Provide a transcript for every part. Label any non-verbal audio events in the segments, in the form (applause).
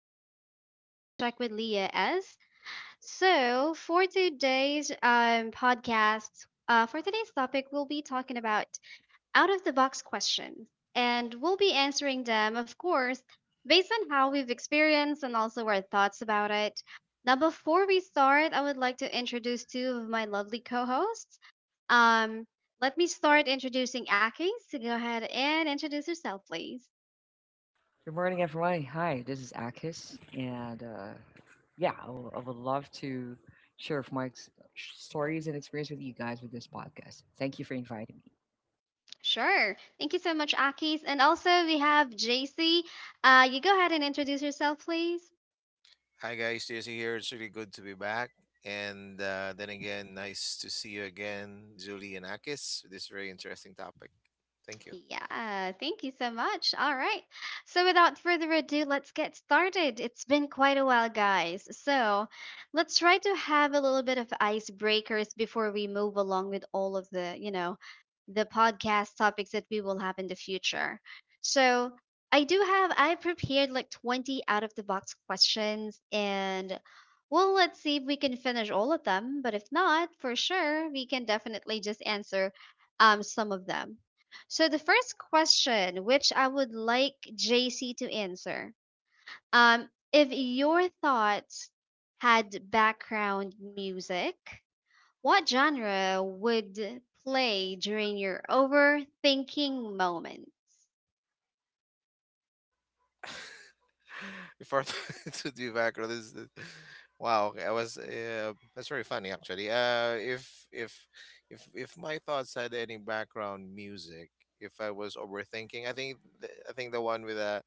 of Reality Check with Leah S. So for today's podcast, for today's topic, we'll be talking about out of the box questions, and we'll be answering them, of course, based on how we've experienced and also our thoughts about it. Now, before we start, I would like to introduce two of my lovely co-hosts. Um, let me start introducing Aki. So go ahead and introduce yourself, please. Good morning, everyone. Hi, this is Akis, and yeah, I would love to share of stories and experience with you guys with this podcast. Thank you for inviting me. Sure. Thank you so much, Akis. And also, we have JC. You go ahead and introduce yourself, please. Hi guys, Jesse here. It's really good to be back. And then again, nice to see you again, Julie and Akis, with this very interesting topic. Thank you. Yeah, thank you so much. All right. So, without further ado, let's get started. It's been quite a while, guys. So, let's try to have a little bit of icebreakers before we move along with all of the, you know, the podcast topics that we will have in the future. So, I prepared like 20 out of the box questions, and well, let's see if we can finish all of them. But if not, for sure, we can definitely just answer some of them. So the first question, which I would like JC to answer, if your thoughts had background music, what genre would play during your overthinking moments? (laughs) Before (laughs) to be back, or wow, okay, I was that's very funny actually. If my thoughts had any background music, if I was overthinking, I think the one with a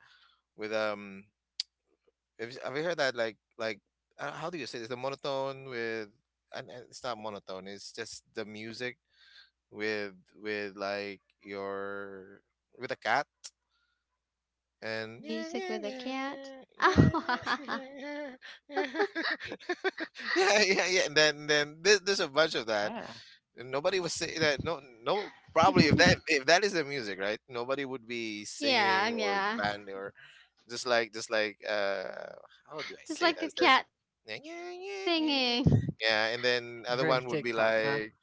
with um Have you heard that? Like, how do you say this? The monotone with. And it's not monotone. It's just the music with with like your with a cat and (laughs) yeah, Music with a yeah, cat? yeah. (laughs) Yeah, yeah. Yeah, (laughs) yeah, yeah. And then there's a bunch of that. Yeah, And nobody was saying that. No, no. Probably if that is the music, right? Nobody would be yeah, singing or yeah. band or just like how do I Just say like a that? It says. cat Yeah, yeah, yeah, yeah, yeah. singing. Yeah, and then other very one would be TikTok, huh? like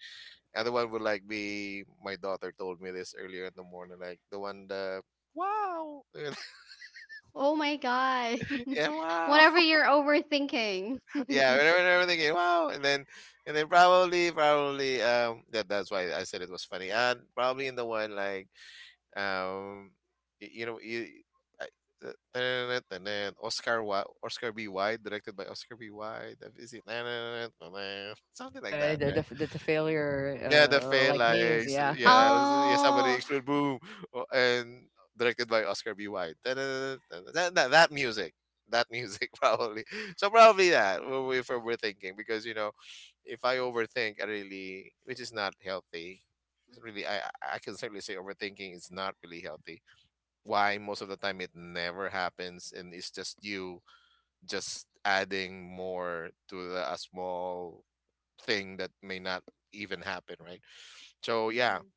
other one would like be my daughter told me this earlier in the morning, like the one, the. Wow. (laughs) Oh my god. Yeah. (laughs) Wow. Whenever you're overthinking. (laughs) Yeah, (laughs) whenever and everything. Wow. And then, and then probably that's why I said it was funny, and probably in the one, like. Um, y- you know, you, I, uh, (laughs) and then Oscar B. Wilde, directed by Oscar B. Wilde. Is it (laughs) something like Yeah, that, the right? the, the, the failure Yeah, the like memes. phalanx. Yeah. Yeah, (laughs) yeah. Somebody Oh. explode, boom, oh, and directed by Oscar B. Wilde. (laughs) That, that that music, that music, (laughs) probably. So probably if we're thinking, because if I overthink, I really, which is not healthy. It's really, I can certainly say overthinking is not really healthy, why most of the time it never happens, and it's just you just adding more to a small thing that may not even happen, right? So yeah, Mhm.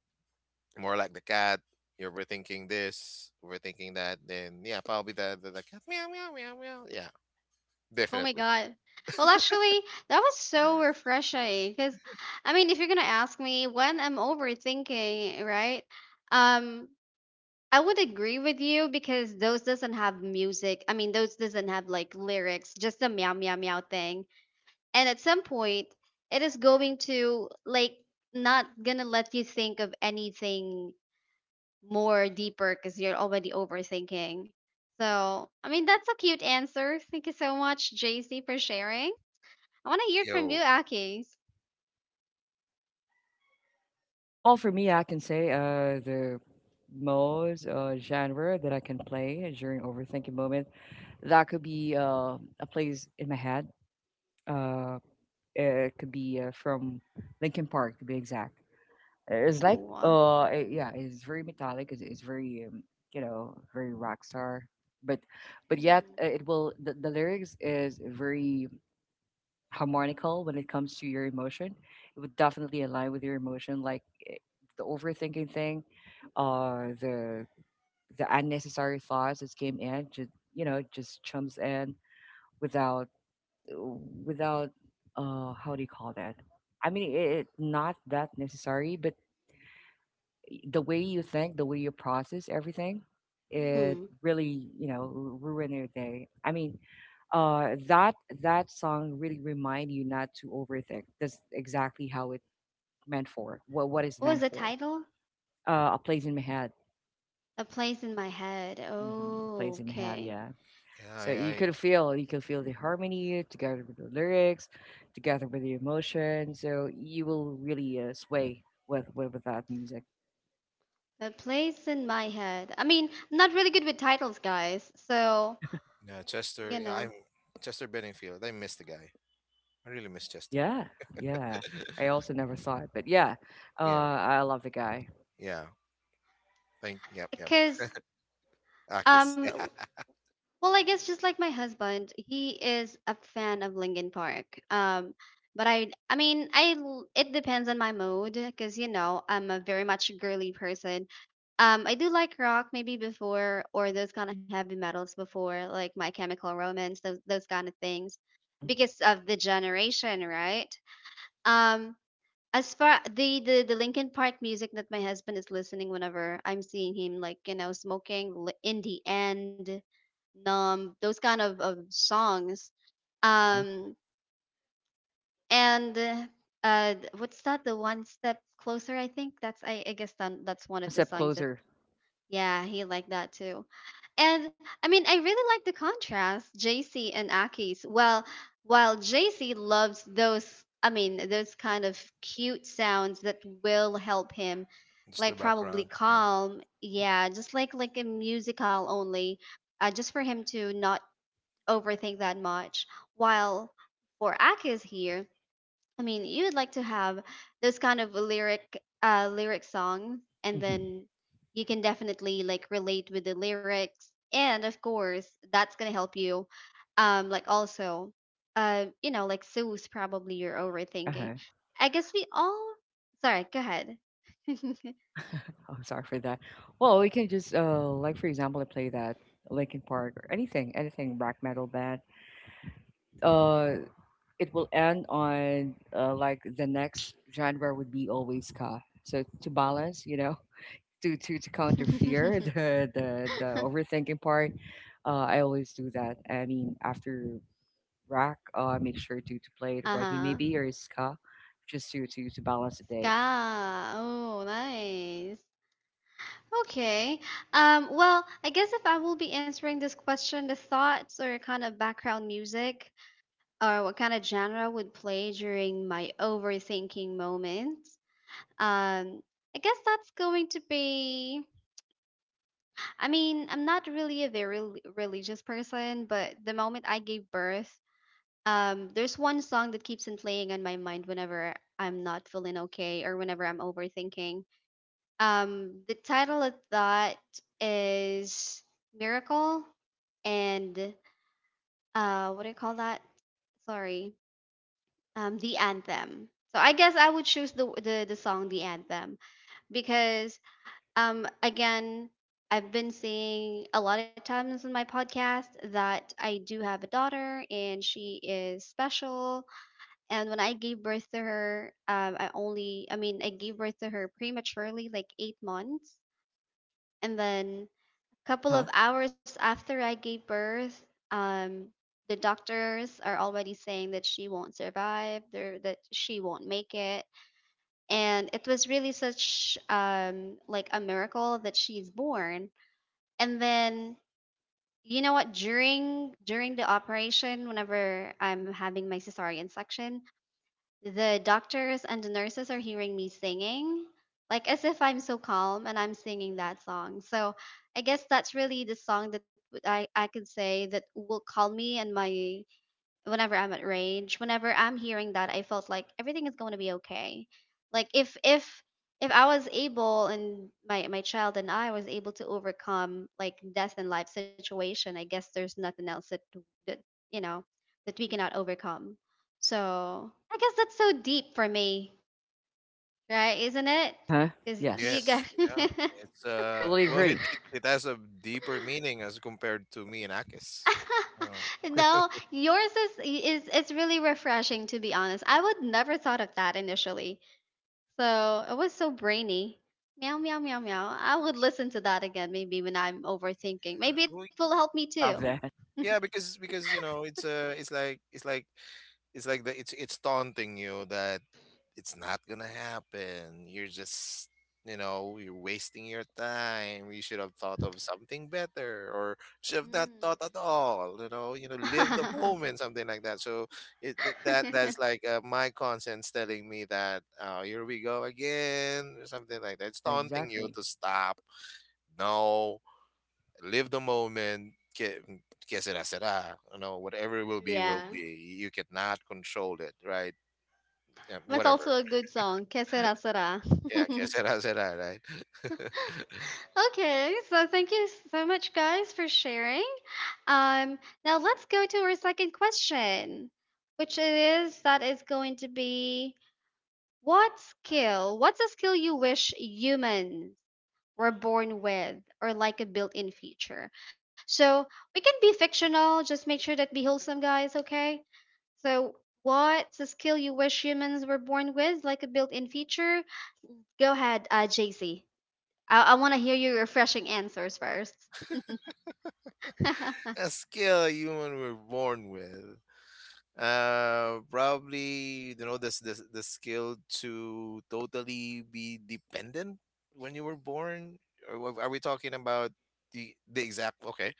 more like the cat, you're overthinking this, overthinking that, then yeah, probably the cat, meow meow meow meow, yeah, Oh my definitely. god. Well, actually, that was so refreshing because, I mean, if you're gonna ask me when I'm overthinking, right? Um, I would agree with you because those doesn't have music. I mean, those doesn't have like lyrics, just the meow meow meow thing. And at some point, it is going to like not gonna let you think of anything more deeper because you're already overthinking. So, I mean, that's a cute answer. Thank you so much, JC, for sharing. I want to hear it from you, Yo. Aki. Well, for me, I can say the most genre that I can play during overthinking moment, that could be a place in my head. Uh, it could be from Linkin Park, to be exact. It's like Ooh. Yeah, it's very metallic. It's very you know, very rock star, but yet Mm-hmm. It will the lyrics is very harmonical when it comes to your emotion. It would definitely align with your emotion, like the overthinking thing, uh the the unnecessary thoughts that came in, just you know, just chums in without without how do you call that? I mean, it not that necessary, but the way you think, the way you process everything, it Mm-hmm. really, you know, ruin your day. I mean, that that song really remind you not to overthink. That's exactly how it meant for. What is What was meant the for? title? A place in my head. A Place in My Head. Mm-hmm. A Oh, place in my head. okay. Yeah. Yeah. So i, I you could feel the harmony together with the lyrics, together with the emotion. So you will really sway with with that music. A Place in My Head. I mean, I'm not really good with titles, guys. So, Yeah, you Chester. Yeah, I'm know, Chester Benningfield. I miss the guy. I really miss Chester. Yeah, (laughs) yeah. I also never saw it, but yeah, Yeah, I love the guy. yeah, thank, yep, yep. because Akis. um Well, I guess just like my husband, he is a fan of Linkin Park. But I mean, it depends on my mood because you know I'm a very much girly person. I do like rock maybe before or those kind of heavy metals before, like My Chemical Romance, those kind of things, Hmm. because of the generation, right? Um, as far the, the Linkin Park music that my husband is listening whenever I'm seeing him like you know smoking in the end, numb those kind of songs. Uh-huh. Um and uh, what's that the one step closer? I think that's I guess that's one One of the step songs that closer. yeah, he liked that too. And I mean, I really like the contrast, JC and Aki's. Well, while JC loves those, I mean, those kind of cute sounds that will help him, (laughs) Just the like probably background, yeah. calm. Mm-hmm. Yeah, just like a musical only, just for him to not overthink that much. While for Aki's here, I mean, you would like to have those kind of lyric songs and Mm-hmm. then you can definitely like relate with the lyrics and of course that's going to help you like also you know like soothe probably your overthinking. Uh-huh. I guess we all Sorry, go ahead. (laughs) Oh, sorry for that. Well, we can just like for example, I play that Linkin Park or anything, anything black metal band. Uh, it will end on like the next genre would be always ska. So to balance, you know, (laughs) to counter fear, (laughs) the overthinking part. I always do that. I mean, after rock. Make sure to play the reggae uh-huh. maybe or ska, just to balance the day. Ska. Oh, nice. Okay. Well, I guess if I will be answering this question, the thoughts or kind of background music or what kind of genre would play during my overthinking moments. Um, I guess that's going to be. I mean, I'm not really a very religious person, but the moment I gave birth, there's one song that keeps on playing on my mind whenever I'm not feeling okay or whenever I'm overthinking. The title of that is Miracle and what do you call that? Sorry, the anthem. So I guess I would choose the song, the anthem, because again, I've been saying a lot of times in my podcast that I do have a daughter and she is special. And when I gave birth to her, I mean I gave birth to her prematurely, like 8 months, and then Uh couple huh. of hours after I gave birth, um, the doctors are already saying that she won't survive, there that she won't make it, and it was really such like a miracle that she's born. And then you know what? During the operation, whenever I'm having my cesarean section, the doctors and the nurses are hearing me singing, like as if I'm so calm and I'm singing that song. So I guess that's really the song that I could say that will calm me and my whenever I'm at rage, whenever I'm hearing that, I felt like everything is going to be okay. Like if if I was able and my child and I was able to overcome like death and life situation, I guess there's nothing else that that you know that we cannot overcome. So I guess that's so deep for me, right? Isn't it? Uh huh. Because you Yes, got. Yes, yeah. (laughs) It's I totally well, it, agree. it it has a deeper meaning as compared to me and Akis. Uh, No, yours is it's really refreshing, to be honest. I would never thought of that initially. So it was so brainy. Meow, meow, meow, meow. I would listen to that again maybe when I'm overthinking. Maybe it well, will help me I too. love that. yeah, because it's like it's taunting you that it's not gonna happen. You're just. You're wasting your time. You should have thought of something better, or should have not thought Hmm. at all. Live the moment, something like that. So it, th- that that's (laughs) like my conscience telling me that here we go again, or something like that. It's Yeah, taunting you exactly. to stop. No, live the moment, que será será, you know whatever it will be Yeah. will be, you cannot control it, right? Yeah, That's whatever. also a good song. Que (laughs) sera sera. (laughs) Yeah, que será será, right? (laughs) Okay, so thank you so much, guys, for sharing. Um, now let's go to our second question, which is that is going to be what skill? What's a skill you wish humans we're born with or like a built-in feature. So we can be fictional, just make sure that be wholesome, guys, okay? So what's a skill you wish humans were born with, like a built-in feature? Go ahead, JC. I want to hear your refreshing answers first. (laughs) Uh-huh. A skill a human were born with. Probably, this this the skill to totally be dependent when you were born. Or are we talking about the exact. Okay.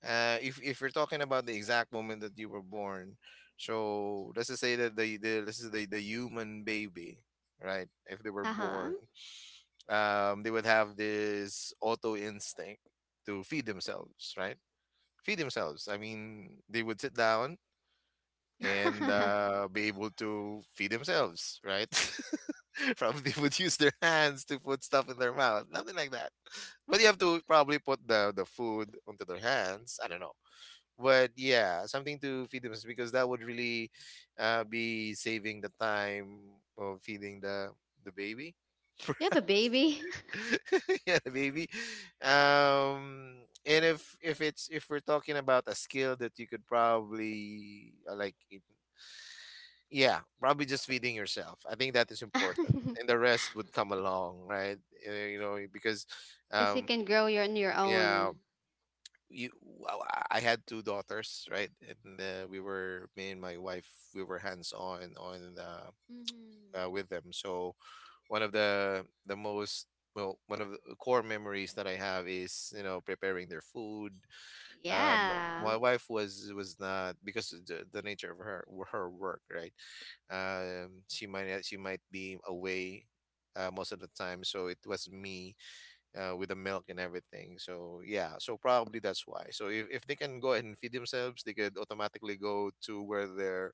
If you're talking about the exact moment that you were born, so let's just say that the this is the human baby, right? If they were born, they would have this auto instinct to feed themselves, right? Feed themselves. I mean, they would sit down (laughs) and be able to feed themselves, right? (laughs) Probably would use their hands to put stuff in their mouth, nothing like that. But you have to probably put the food onto their hands. I don't know, but yeah, something to feed them, because that would really be saving the time of feeding the baby. (laughs) You have a baby. Yeah, the baby. And if we're talking about a skill that you could probably yeah, probably just feeding yourself. I think that is important, and (laughs) the rest would come along, right? Because, Because you um, can grow your, on your yeah, own. you well, I had two daughters, right? And we were, me and my wife, we were hands on Hmm. With them. So one of the the most one of the core memories that I have is preparing their food. Um, Yeah. my wife was not because of the nature of her work, right? She might be away most of the time, so it was me with the milk and everything. So yeah, so probably that's why. So if they can go ahead and feed themselves, they could automatically go to where their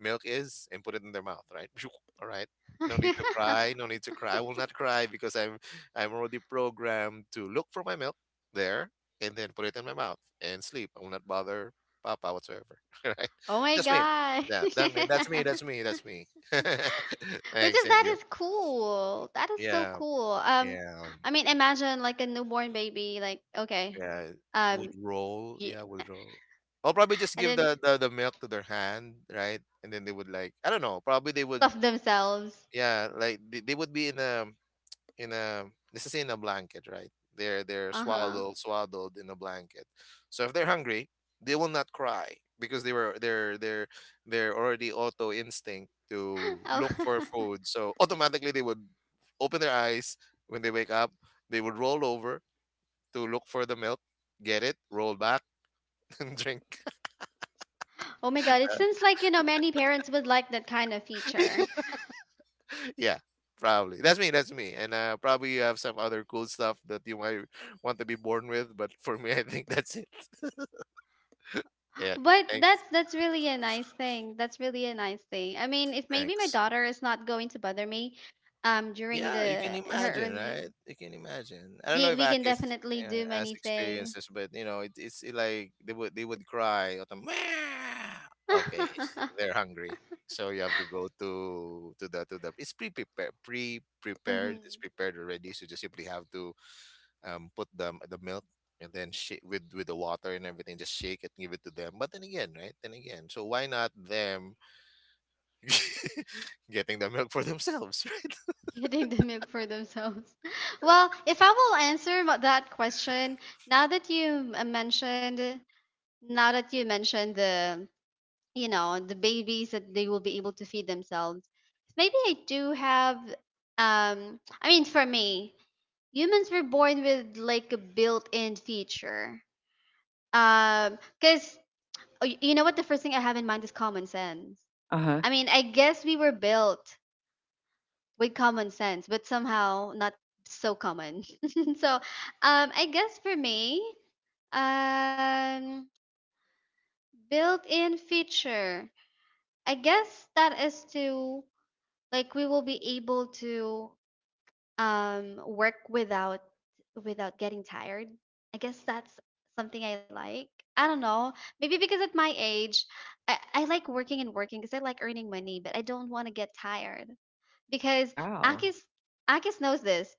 milk is and put it in their mouth, right? (laughs) (sniffs) All right. No need to (laughs) cry. No need to cry. I will not cry because I'm already programmed to look for my milk there, and then put it in my mouth and sleep. I will not bother Papa whatsoever. (laughs) Right? Oh my That's me. god. Yeah, that mean that's me. That's (laughs) me. That's me. (laughs) Which Thanks. is Thank that you. is cool. That is so Yeah. cool. Yeah. I mean, imagine like a newborn baby, like okay, Yeah, would um, roll. yeah, Yeah, would roll. I'll probably just and give then the milk to their hand, right? And then they would, like, I don't know. Probably they would, stuff themselves. yeah, like they would be in a, in a, this is in a blanket, right? They're Uh huh. swaddled in a blanket. So if they're hungry, they will not cry, because they were they're already auto instinct (laughs) to Oh, look for (laughs) food. So automatically they would open their eyes when they wake up. They would roll over to look for the milk, get it, roll back, (laughs) and drink. oh my God! It seems like you know many parents would like that kind of feature. (laughs) Yeah, probably. That's me. That's me. And probably you have some other cool stuff that you might want to be born with, but for me, I think that's it. (laughs) Yeah. But Thanks. that's really a nice thing. That's really a nice thing. I mean, if maybe my Thanks. daughter is not going to bother me, during Yeah, you can the her imagine, early, right? You can imagine. I don't know if we can Akis, definitely yeah, do has many things. experiences, but you know, it like they would cry or the. Okay, (laughs) they're hungry, so you have to go to the. It's pre prepared, pre Mhm. prepared. It's prepared already, so you just simply have to put the milk, and then shake with the water and everything. Just shake it, give it to them. But then again, right? Then again, so why not them (laughs) getting the milk for themselves, (laughs) right? Getting the milk for themselves. (laughs) Well, if I will answer that question, now that you uh, mentioned, now that you mentioned the, you know, the babies that they will be able to feed themselves, maybe I do have, I mean, for me, humans were born with like a built-in feature. Because you know what, the first thing I have in mind is common sense. Uh huh. I mean, I guess we were built with common sense, but somehow not so common. (laughs) So, I guess for me, um, built-in feature. I guess that is to like we will be able to work without getting tired. I guess that's something I like. I don't know. Maybe because at my age, I like working and working because I like earning money, but I don't want to get tired. Because Wow. Akis Akis knows this.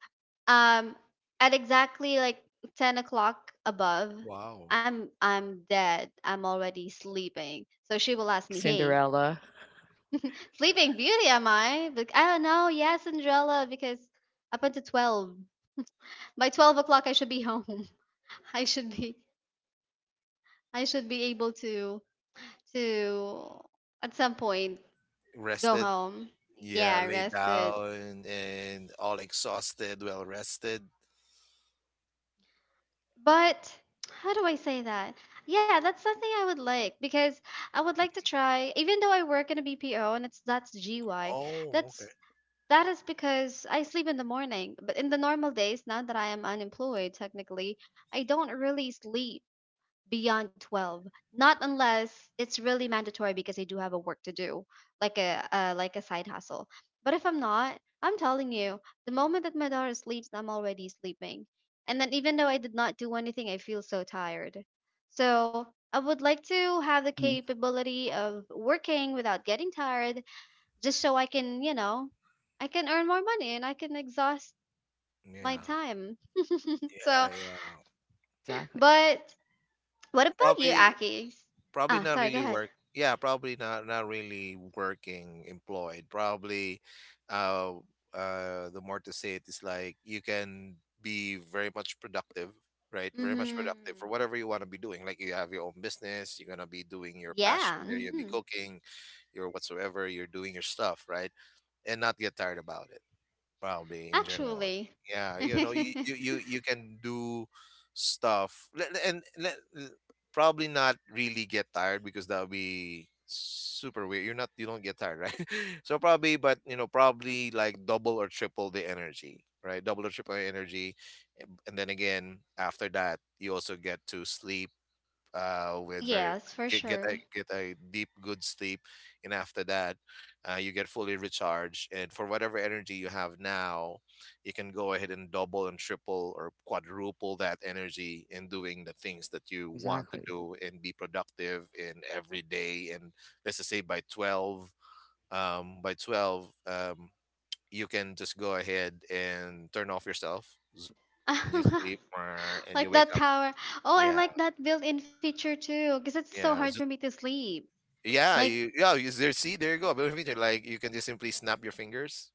Um, at exactly like 10 o'clock above, Wow. I'm dead. I'm already sleeping. So she will ask Like me, "Hey, Cinderella. sleeping beauty, am I?" Like, I don't know. Yes, Cinderella, because up until 12. By 12 o'clock, I should be home. (laughs) I should be I should be able to to at some point go Rested. home. Yeah, Yeah, lay rested. down and all exhausted, well rested. But how do I say that? Yeah, that's something I would like because I would like to try, even though I work in a BPO and it's that's GY, Oh, okay. that's that is because I sleep in the morning. But in the normal days, now that I am unemployed technically, I don't really sleep beyond 12, not unless it's really mandatory because I do have a work to do, like a side hustle. But if I'm not, I'm telling you, the moment that my daughter sleeps, I'm already sleeping. And then even though I did not do anything, I feel so tired. So I would like to have the Mm-hmm. capability of working without getting tired, just so I can you know I can earn more money and I can exhaust my Yeah, time. (laughs) So, yeah, yeah. Exactly. but what about you, Probably, Akis? Ah, probably not sorry, go really ahead. work. Yeah, probably not really working employed. Probably, uh, the more to say it is, like, you can be very much productive, right? Very much Mm-hmm. productive for whatever you want to be doing. Like, you have your own business, you're gonna be doing your passion Yeah. there. You'll be Mm-hmm. cooking, your whatsoever. You're doing your stuff, right? And not get tired about it. Probably in general, Actually. yeah, (laughs) you can do stuff, probably not really get tired, because that would be super weird, you don't get tired, right? (laughs) So probably, but probably like double or triple the energy, right? Double or triple the energy. And then again, after that, you also get to sleep, with very Yes, for get get sure. a get a deep good sleep. And after that, you get fully recharged. And for whatever energy you have now, you can go ahead and double and triple or quadruple that energy in doing the things that you want to Exactly. do and be productive in every day. And let's just say by 12, by 12, you can just go ahead and turn off yourself, zoom, and you sleep, (laughs) and you Like wake that up. tower. Oh, I Yeah, like that built-in feature too, because it's so hard yeah. for me to sleep. Yeah, Like, you, yeah, you, there, see, there you go. Ability feature, like you can just simply snap your fingers,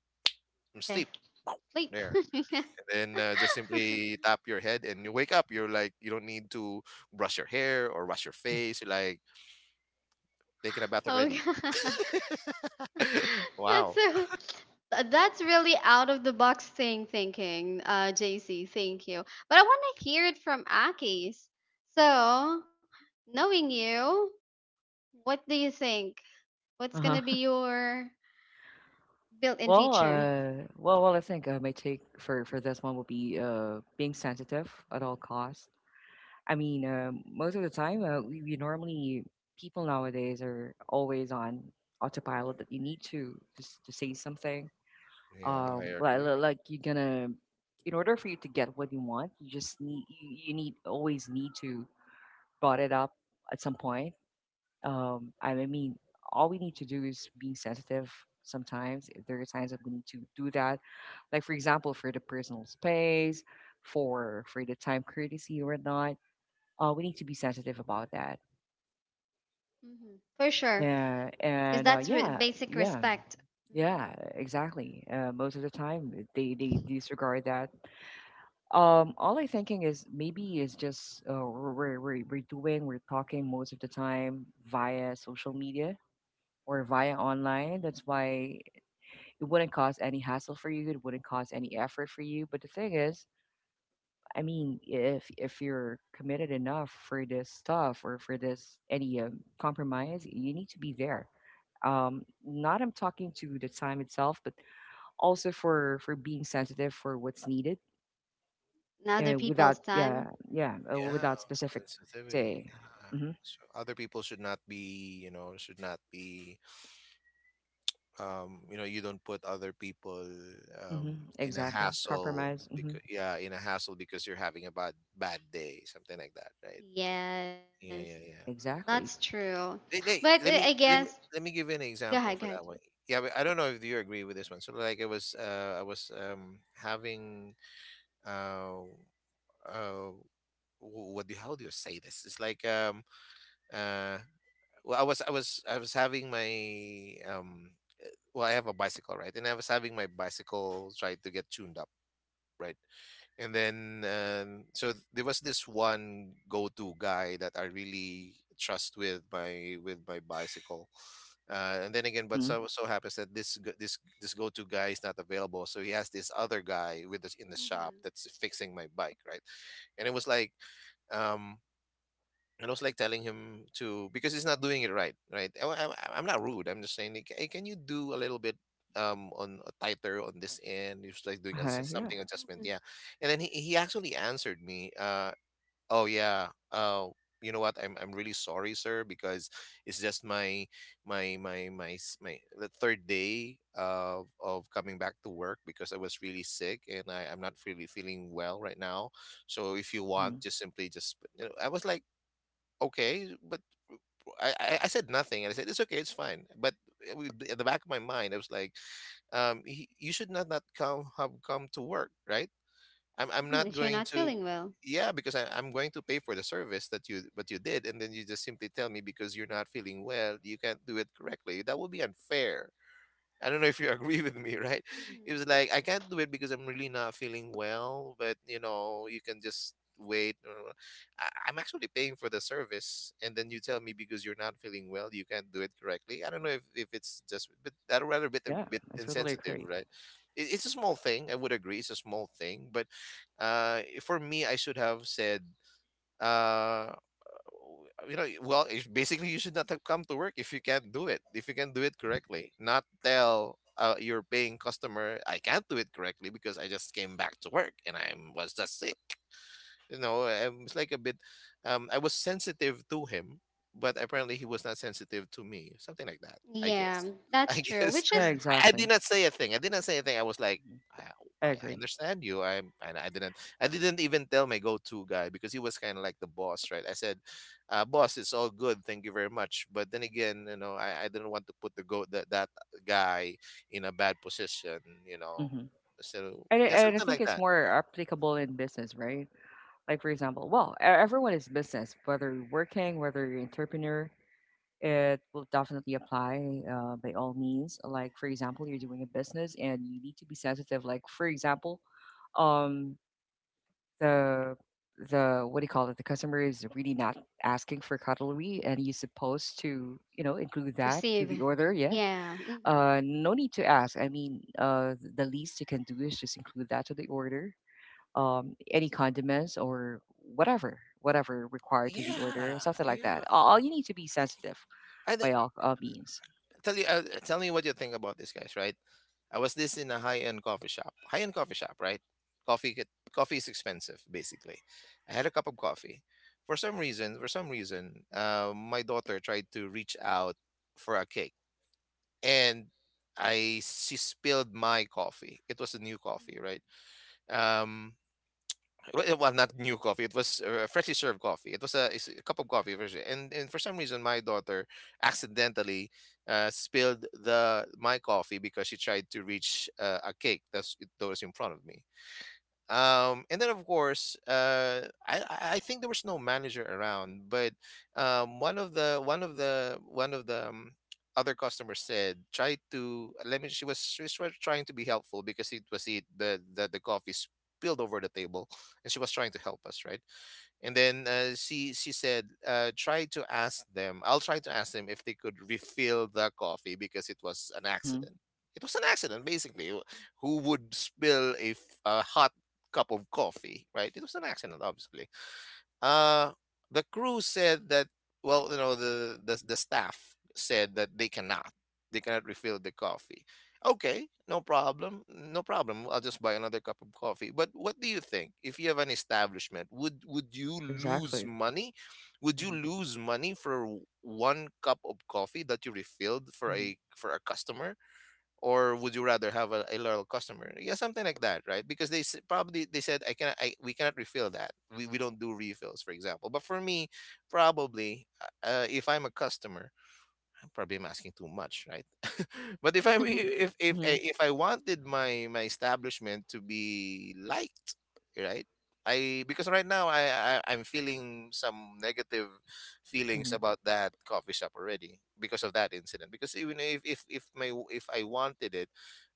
from okay, sleep. Pow. sleep. There. (laughs) And then just simply tap your head and you wake up. You're like, you don't need to brush your hair or wash your face. You're like taking a bath Oh, already. God. (laughs) (laughs) That's Wow. so. That's really out of the box thing thinking, JC, thank you. But I want to hear it from Aki's. So, knowing you, what do you think? What's Uh gonna be huh. your built-in Well, feature? Well. I think my take for this one would be being sensitive at all costs. I mean, most of the time, we normally people nowadays are always on autopilot that you need to just to say something. Yeah, I Like agree. You're gonna, in order for you to get what you want, you just need you, you need always need to brought it up at some point. I mean, all we need to do is being sensitive. Sometimes there are times that we need to do that, like for example, for the personal space, for the time courtesy or not, we need to be sensitive about that. For sure, Yeah, because and that's yeah. basic Yeah, respect. Hmm, yeah, exactly. Most of the time, they disregard that. All I'm thinking is maybe is just we're doing, we're talking most of the time via social media or via online. That's why it wouldn't cause any hassle for you. It wouldn't cause any effort for you. But the thing is, I mean, if you're committed enough for this stuff or for this any compromise, you need to be there. Not I'm talking to the time itself, but also for being sensitive for what's needed in other without people's yeah, time. yeah, Yeah, without specific sensitivity. say. Yeah. Hmm. So other people should not be, you know, should not be you don't put other people Hmm. In a Exactly. hassle, Compromise. Hmm. because you're having a bad day, something like that, right? Yes, Yeah, yeah, yeah. that's Exactly. true. they, But they, I let me guess let me let me give you an go ahead, go example ahead. for that one. Yeah, but I don't know if you agree with this one. So like it was, I was, having, uh uh what do, how do you say this? It's like, uh well, I was having my, well, I have a bicycle, right? And I was having my bicycle try to get tuned up, right? And then so there was this one go-to guy that I really trust with my bicycle. And then again, but Hmm. so happens that this g- this go-to guy is not available, so he has this other guy with us in the shop hmm that's fixing my bike, right? And it was like, um, and I was like telling him to, because he's not doing it right, right? I'm not rude. I'm just saying, like, hey, can you do a little bit on tighter on this end? He was like doing a, Yeah. something adjustment, hmm yeah. And then he actually answered me, oh yeah, you know what? I'm really sorry, sir, because it's just my my my my s- my the third day of coming back to work because I was really sick, and I'm not really feeling well right now. So if you Mm-hmm. want, just simply just, you know, I was like, okay, but I said nothing, and I said it's okay, it's fine. But at the back of my mind, I was like, you should not not come have come to work, right? I'm not If you're going not to. feeling well. Yeah, because I'm going to pay for the service that you what you did, and then you just simply tell me, because you're not feeling well, you can't do it correctly. That would be unfair. I don't know if you (laughs) agree with me, right? It Hmm, was like, I can't do it because I'm really not feeling well, but you know, you can just wait. I'm actually paying for the service, and then you tell me, because you're not feeling well, you can't do it correctly. I don't know if it's just, but that rather Yeah, bit I totally insensitive, agree. right? It's a small thing. I would agree, it's a small thing, but for me, I should have said, uh, you know, well, it's basically, you should not have come to work, if you can do it correctly, not tell, your paying customer, I can't do it correctly because I just came back to work and I was just sick. You know, I was like a bit, I was sensitive to him, but apparently he was not sensitive to me, something like that, I yeah, guess. (laughs) that's i true. guess Which Yeah, is I did exactly. not say a thing, I was like, Mhm. i, I I I agree. understand you, I didn't even tell my go-to guy because he was kind of like the boss, right? I said, boss, it's all good, thank you very much. But then again, you know, I didn't want to put that guy in a bad position. You know, Hmm. so And, yeah, and I something like think it's that. more applicable in business, right? Like, for example, well, everyone is business, whether you're working, whether you're entrepreneur, it will definitely apply by all means. Like, for example, you're doing a business and you need to be sensitive. Like, for example, um, the the what do you call it? The customer is really not asking for cutlery, and you're supposed to, you know, include that receive. to the order. Yeah. Yeah. Hmm. No need to ask. I mean, the least you can do is just include that to the order. Any condiments or whatever, whatever required to the Yeah, order, something like yeah. that. All you need to be sensitive I, by all means. tell you, tell me what you think about this, guys, right? I was this in a high-end coffee shop, right? Coffee is expensive, basically. I had a cup of coffee. For some reason, my daughter tried to reach out for a cake, and I she spilled my coffee. It was a new coffee, right? um well, not new coffee. It was, freshly served coffee. It was a, it's a cup of coffee version, and for some reason, my daughter accidentally, spilled the my coffee because she tried to reach, a cake that was in front of me. And then of course, I think there was no manager around, but one of the one of the one of the other customers said, try to, let me, she was trying to be helpful because it was it the coffee spilled over the table, and she was trying to help us, right? And then, she said, try to ask them I'll try to ask them if they could refill the coffee because it was an Mm-hmm. accident. It was an accident, basically. Who would spill a hot cup of coffee, right? It was an accident, obviously. uh, the crew said that, well, you know, the staff said that they cannot. They cannot refill the coffee. Okay, no problem. No problem. I'll just buy another cup of coffee. But what do you think? If you have an establishment, would you lose Exactly. money? Would you Mm-hmm. lose money for one cup of coffee that you refilled for Mm-hmm. a customer? Or would you rather have a loyal customer? Yeah, something like that, right? Because probably they said, I cannot, we cannot refill that, we don't do refills, for example. But for me, probably, if I'm a customer, probably I'm asking too much, right? (laughs) But if I wanted my establishment to be liked, right? I Because right now, I'm feeling some negative feelings Mm-hmm. about that coffee shop already because of that incident. Because even if I wanted it,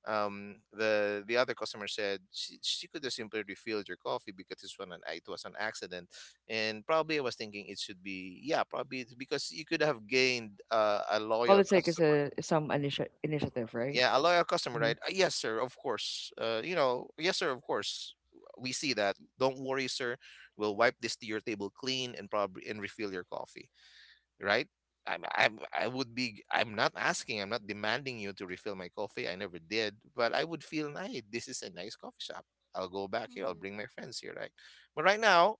the other customer said, she could have simply refilled your coffee because it was an accident. And probably I was thinking it should be, yeah, probably it's because you could have gained, a All loyal it takes is customer. a some initiative, right? Yeah, a loyal customer, Hmm. right? Yes sir, of course, you know, yes sir, of course, we see that, don't worry sir. We'll wipe this to your table clean and probably and refill your coffee, right? I'm not asking, I'm not demanding you to refill my coffee, I never did, but I would feel nice, this is a nice coffee shop. I'll go back here, I'll bring my friends here, right? But right now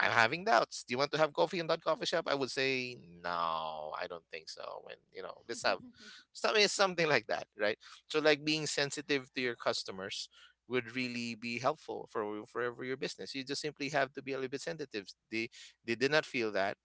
I'm having doubts. Do you want to have coffee in that coffee shop? I would say no, I don't think so. And you know, let's have (laughs) (laughs) something like that, right? So like being sensitive to your customers would really be helpful for your business. You just simply have to be a little bit sensitive. They did not feel that,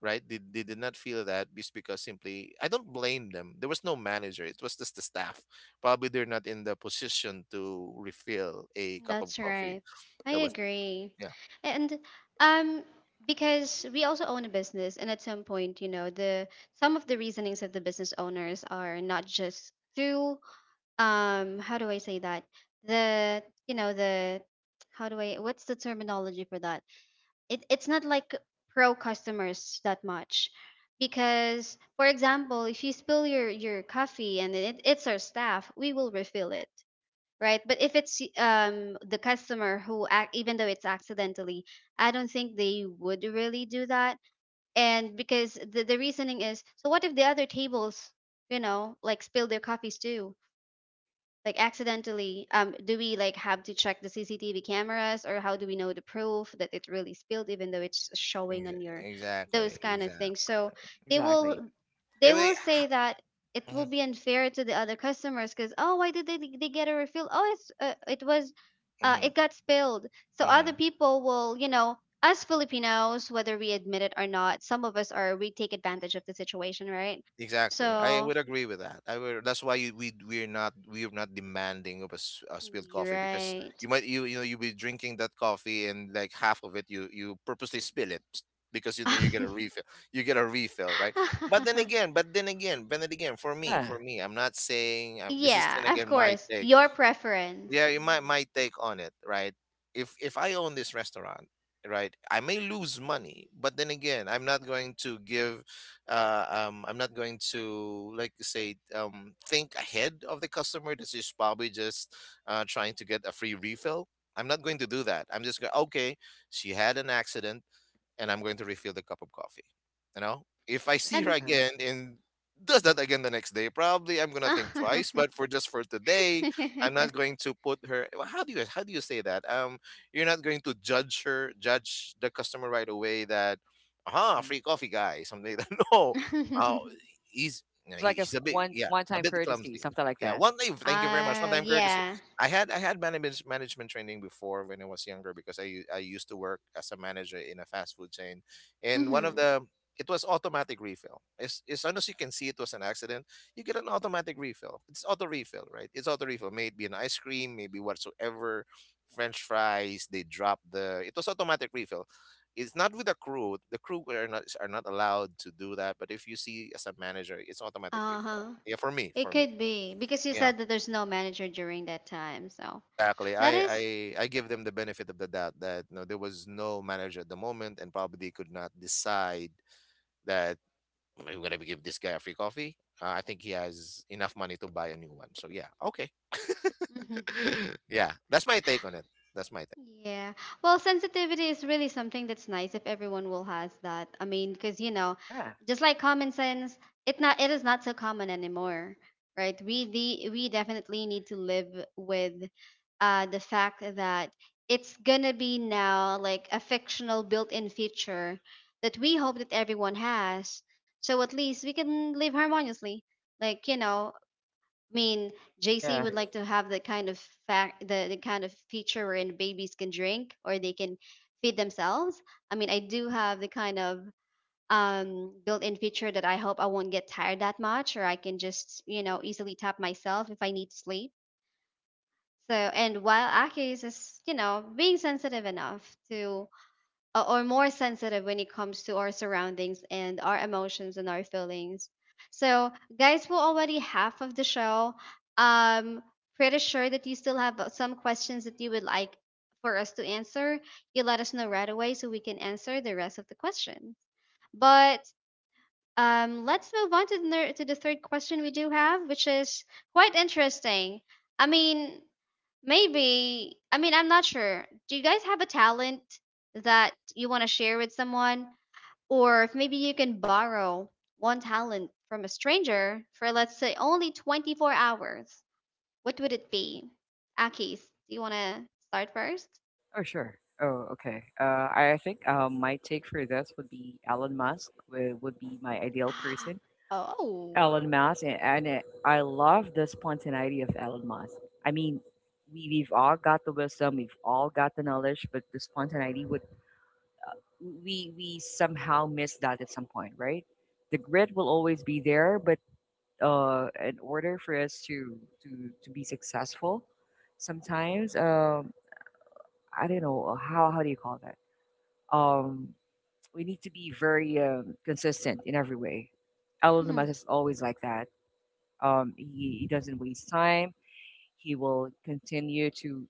right? They did not feel that, just because simply, I don't blame them. There was no manager. It was just the staff. Probably they're not in the position to refill a cup of That's coffee. right. I That was, agree. yeah. And um because we also own a business, and at some point, you know, the some of the reasonings of the business owners are not just through how do I say that? The, you know, the, how do I, what's the terminology for that? It, it's not like pro customers that much. Because for example, if you spill your coffee, and it's our staff, we will refill it. Right, but if it's the customer who act, even though it's accidentally, I don't think they would really do that. And because the reasoning is, so what if the other tables, you know, like spill their coffees too, like accidentally, do we like have to check the CCTV cameras? Or how do we know the proof that it really spilled, even though it's showing on your those Exactly. kind of Exactly. things? So they will, Exactly. Eh, they we- will say that it Mhm, will be unfair to the other customers because, oh, why did they get a refill? Oh, it's it was mhm, it got spilled. So other mhm. people will, you know, us Filipinos, whether we admit it or not, some of us are, we take advantage of the situation, right? Exactly. I So would agree with that. I would, that's why, we're not, demanding of a spilled you're coffee, because right. you might, you know, you'll be drinking that coffee and like half of it, you purposely spill it. Because you know, you get a (laughs) refill, right. But then (laughs) again, for me, Yeah. I'm not saying, this is then Yeah, of again my course. take. Your preference. Yeah, might, Mhm. my take on it, right. If I own this restaurant, right, I may lose money, but then again, I'm not going to, like you say, think ahead of the customer, this is probably just, trying to get a free refill. I'm not going to do that. I'm just going, okay, she had an accident, and I'm going to refill the cup of coffee. You know, if I see her And Uh, again and does that again the next day, probably I'm gonna think (laughs) twice. But for just for today, I'm uh not going to put her. Well, how do you say that? You're not going to judge her, judge the customer right away that, ah, mhm. free coffee guy, (laughs) something like that. (laughs) No, uh, he's you know, It's he- like he's a bit, one yeah, a time bit courtesy, clumsy. something like Yeah, that. one time, thank you very much. One time courtesy. yeah. I had management training before when I was younger because I used to work as a manager in a fast food chain, and one of Mhm. the, it was automatic refill. As soon as you can see it was an accident, you get an automatic refill. It's auto refill, right? It's auto refill. Maybe an ice cream, maybe whatsoever. French fries. They drop the. It was automatic refill. It's not with the crew. The crew are not allowed to do that. But if you see as a manager, it's automatic refill. Uh-huh. Yeah, for me, It could be because you Yeah. said that there's no manager during that time. So, Exactly. that I, I is I give them the benefit of the doubt that no, there was no manager at the moment, and probably they could not decide that, "Hey, we're gonna give this guy a free coffee. I think he has enough money to buy a new one. So yeah, okay." (laughs) (laughs) Yeah, that's my take on it. That's my take. yeah. Well, sensitivity is really something that's nice if everyone will has that. I mean, because you know, Yeah. just like common sense, it not, it is not so common anymore, right? We definitely need to live with the fact that it's gonna be now like a fictional built-in feature that we hope that everyone has. So at least we can live harmoniously. Like, you know, I mean, JC Yeah. would like to have the kind of fact, the kind of feature wherein babies can drink, or they can feed themselves. I mean, I do have the kind of built-in feature that I hope I won't get tired that much, or I can just, you know, easily tap myself if I need to sleep. So, and while Akis is, you know, being sensitive enough to or more sensitive when it comes to our surroundings and our emotions and our feelings. So, guys, we're already half of the show. Um, pretty sure that you still have some questions that you would like for us to answer. You let us know right away so we can answer the rest of the questions. But let's move on to the to the third question we do have, which is quite interesting. I mean, maybe. I mean, I'm not sure. Do you guys have a talent that you want to share with someone? Or if maybe you can borrow one talent from a stranger for, let's say, only 24 hours, what would it be? Akis, do you want to start first? Oh, sure. Oh, okay. I think my take for this would be Elon Musk would be my ideal person. (gasps) Oh. Elon Musk, and it, I love the spontaneity of Elon Musk. I mean, we, we've all got the wisdom, we've all got the knowledge, but the spontaneity would we somehow miss that at some point, right? The grit will always be there, but in order for us to be successful, sometimes I don't know how do you call that? um we need to be very consistent in every way. Elon Musk Mm-hmm. is always like that. He doesn't waste time. He will continue to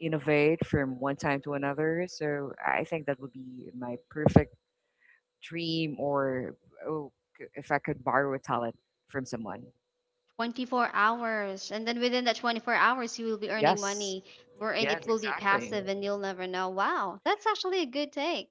innovate from one time to another. So I think that would be my perfect dream, or oh, if I could borrow a talent from someone. 24 hours, and then within that 24 hours you will be earning Yes, money wherein yes, it will be exactly, passive and you'll never know. Wow, that's actually a good take.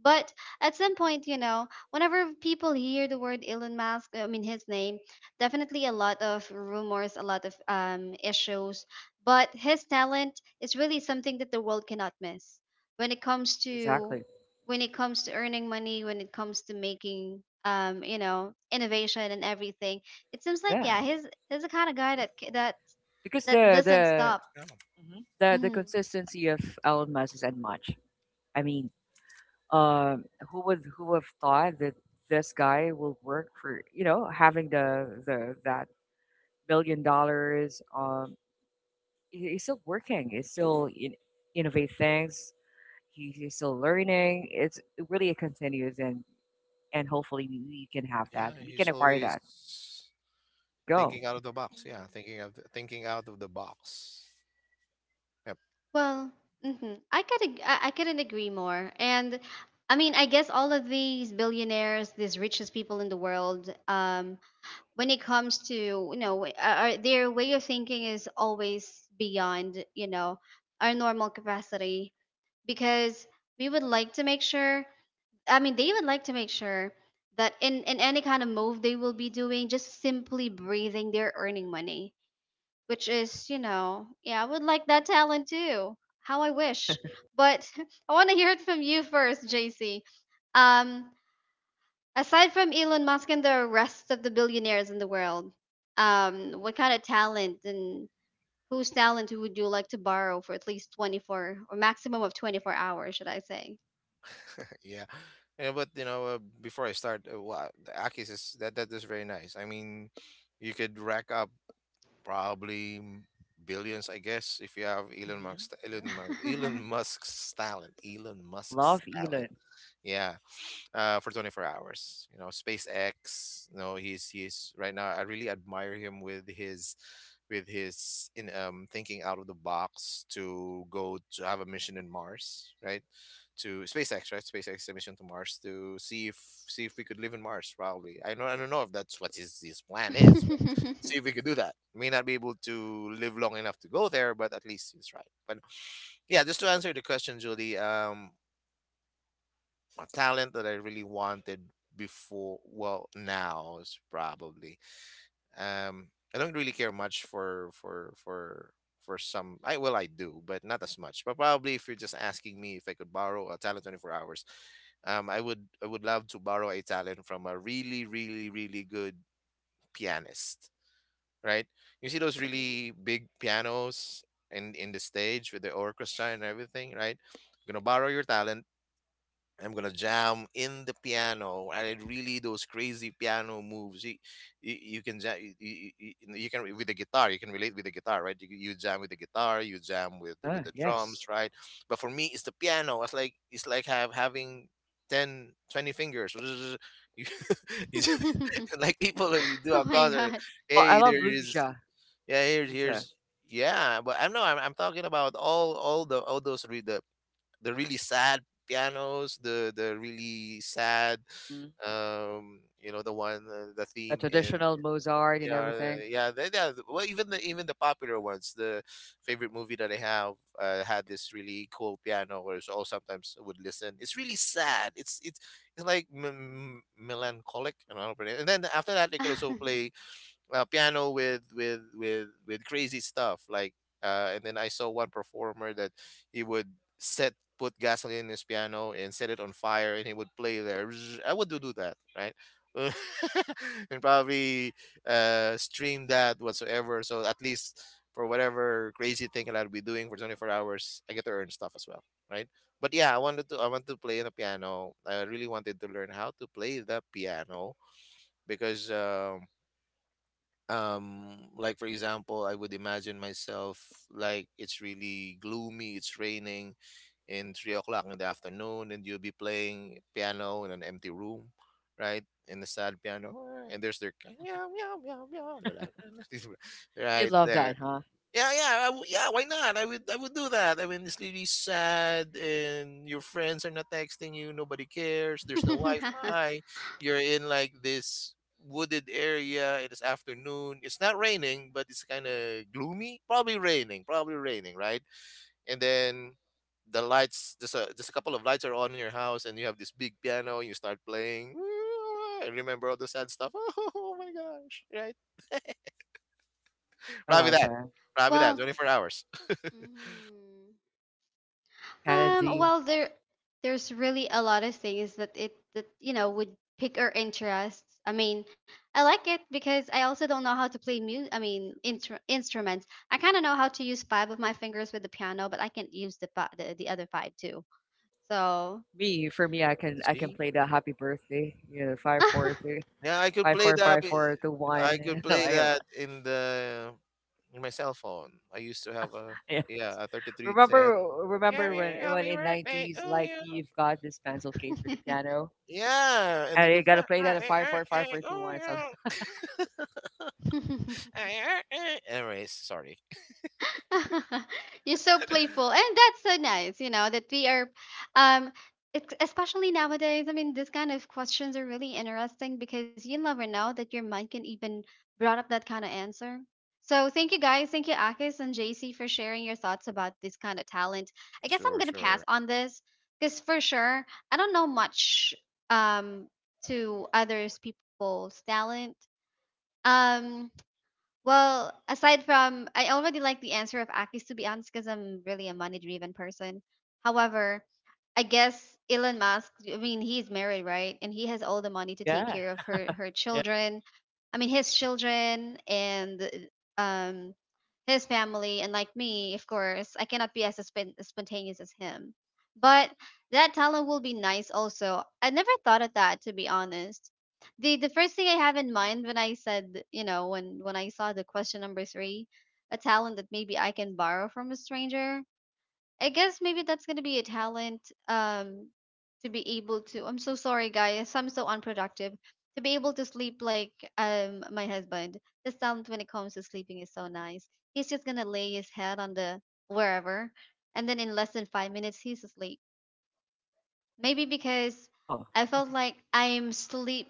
But at some point, you know, whenever people hear the word Elon Musk, I mean his name, definitely a lot of rumors, a lot of issues. But his talent is really something that the world cannot miss when it comes to, exactly. when it comes to earning money, when it comes to making you know, innovation and everything. It seems like, Yeah, yeah, he's the kind of guy Yeah, oh, that, because that doesn't the stop. yeah, mhm, the Hmm. consistency of Elon Musk is unmatched. I mean, um, who would have thought that this guy will work for you know having the that billion dollars? He's still working. He's still in, innovate things. He's still learning. It's really it continues and hopefully we can have yeah, that. We can he's acquire always that to go. thinking out of the box. Yeah, Hmm. thinking out of the box. Yep. Well, hmm, I could I couldn't agree more. And I mean, I guess all of these billionaires, these richest people in the world, when it comes to, you know, their way of thinking is always beyond, you know, our normal capacity. Because we would like to make sure, I mean, they would like to make sure that in any kind of move they will be doing, just simply breathing, they're earning money, which is, you know, yeah, I would like that talent too. How I wish. But (laughs) I want to hear it from you first, JC. Um, aside from Elon Musk and the rest of the billionaires in the world, what kind of talent, and whose talent would you like to borrow for at least 24, or maximum of 24 hours, should I say? Yeah, yeah, but you know, before I start, the Akis is that is very nice. I mean, you could rack up probably m- billions, I guess, if you have Elon Hmm. Musk, Yeah, Elon Musk, Elon Musk's talent, Elon I Musk's love talent. Elon. Yeah, for 24 hours. You know, SpaceX. You know, he's right now. I really admire him with his in thinking out of the box to go to have a mission in Mars, right? To SpaceX, right? SpaceX mission to Mars to see if we could live in Mars. Probably. I know. I don't know if that's what his plan is. But see if we could do that. May not be able to live long enough to go there, but at least he's right. But yeah, just to answer the question, Julie. A talent that I really wanted before. Well, now is probably. Um, I don't really care much for some. I, well, I do, but not as much. But probably if you're just asking me if I could borrow a talent 24 hours, I would love to borrow a talent from a really really really good pianist. Right? You see those (laughs) (laughs) really big pianos in the stage with the orchestra and everything, right? Gonna borrow your talent. I'm gonna jam in the piano, and it really those crazy piano moves. You can jam, you can with the guitar. You can relate with the guitar, right? You jam with the guitar, you jam Uh with the, with huh. the drums, Yes, right? But for me, it's the piano. It's like have having 10, 20 fingers. (laughs) You, (laughs) (laughs) you just- Oh (laughs) like people like, you do a my God. concert. I Hey, love there is, Luja. yeah. Here's Luja. here's yeah. But I'm, no. I'm talking about all those the really sad pianos, the really sad, Hmm. The one, the The theme in, traditional Mozart and yeah. everything. Yeah, they, yeah, well, even the popular ones, the favorite movie that I have, had this really cool piano where, so I sometimes I would listen, it's really sad, it's like melancholic. I don't know how to pronounce it. And then after that they could also play, piano with crazy stuff like, and then I saw one performer that he would set put gasoline in his piano and set it on fire and he would play there. (tsk) I would do that, right? (laughs) And probably stream that whatsoever, so at least for whatever crazy thing that I'll be doing for 24 hours I get to earn stuff as well, right? But yeah, I want to play the piano. I really wanted to learn how to play the piano because, like, for example, I would imagine myself like it's really gloomy, it's raining in 3 o'clock in the afternoon and you'll be playing piano in an empty room, right? In the sad piano. And there's their (laughs) meow meow meow meow (laughs) You right love there. that, huh? Yeah, yeah, yeah, why not? I would do that. I mean, it's really sad and your friends are not texting you, nobody cares, there's no (laughs) Wi-Fi. You're in like this wooded area, it is afternoon. It's not raining, but it's kind of gloomy. Probably raining, right? And then the lights, just a couple of lights are on in your house and you have this big piano and you start playing. (laughs) I remember all the sad stuff. (laughs) Oh my gosh, right? I Probably love that. that. Probably Well, that. 24 hours. mhm. Kinda Um, D. well there, there's really a lot of things that it that, you know, would pick our interests. I mean, I like it because I also don't know how to play mu. I mean, instruments. I kind of know how to use five of my fingers with the piano, but I can't use the other five too. So. Me, for me, (laughs) I can See? play the happy birthday, you know, five four three Yeah, I could five play four that. five four two I could one (laughs) play like, that in the in my cell phone. I used to have a, yeah. yeah, a 3310. Remember Yeah, remember when yeah, happy in birthday, 90s, oh like, yeah. you've got this pencil case with the piano, Yeah, and you and you could play. gotta play that at Happy five four five birthday, four two oh one. So, yeah. (coughs) (laughs) (laughs) Happy birthday. Anyways, sorry. (laughs) You're so playful, and that's so nice. You know that we are, um, especially nowadays. I mean, this kind of questions are really interesting because you never know that your mind can even brought up that kind of answer. So thank you guys, thank you Akis and JC for sharing your thoughts about this kind of talent. I guess I'm Sure, gonna pass sure. on this because for sure I don't know much um to others people's talent. Um, well, aside from, I already like the answer of Akis to be honest, because I'm really a money driven person. However, I guess Elon Musk, I mean, he's married, right? And he has all the money (laughs) to take yeah, care of her her yeah. children. I mean, his children and um his family. And like me, of course, I cannot be as spontaneous as him. But that talent will be nice also. I never thought of that, to be honest. The first thing I have in mind when I said, you know, when I saw the question number 3, a talent that maybe I can borrow from a stranger. I guess maybe that's gonna be a talent um to be able to, I'm so sorry guys, I'm so unproductive. To be able to sleep like my husband. This talent when it comes to sleeping is so nice. He's just gonna lay his head on the wherever, and then in less than 5 minutes he's asleep. Maybe because Oh, I felt like I'm sleep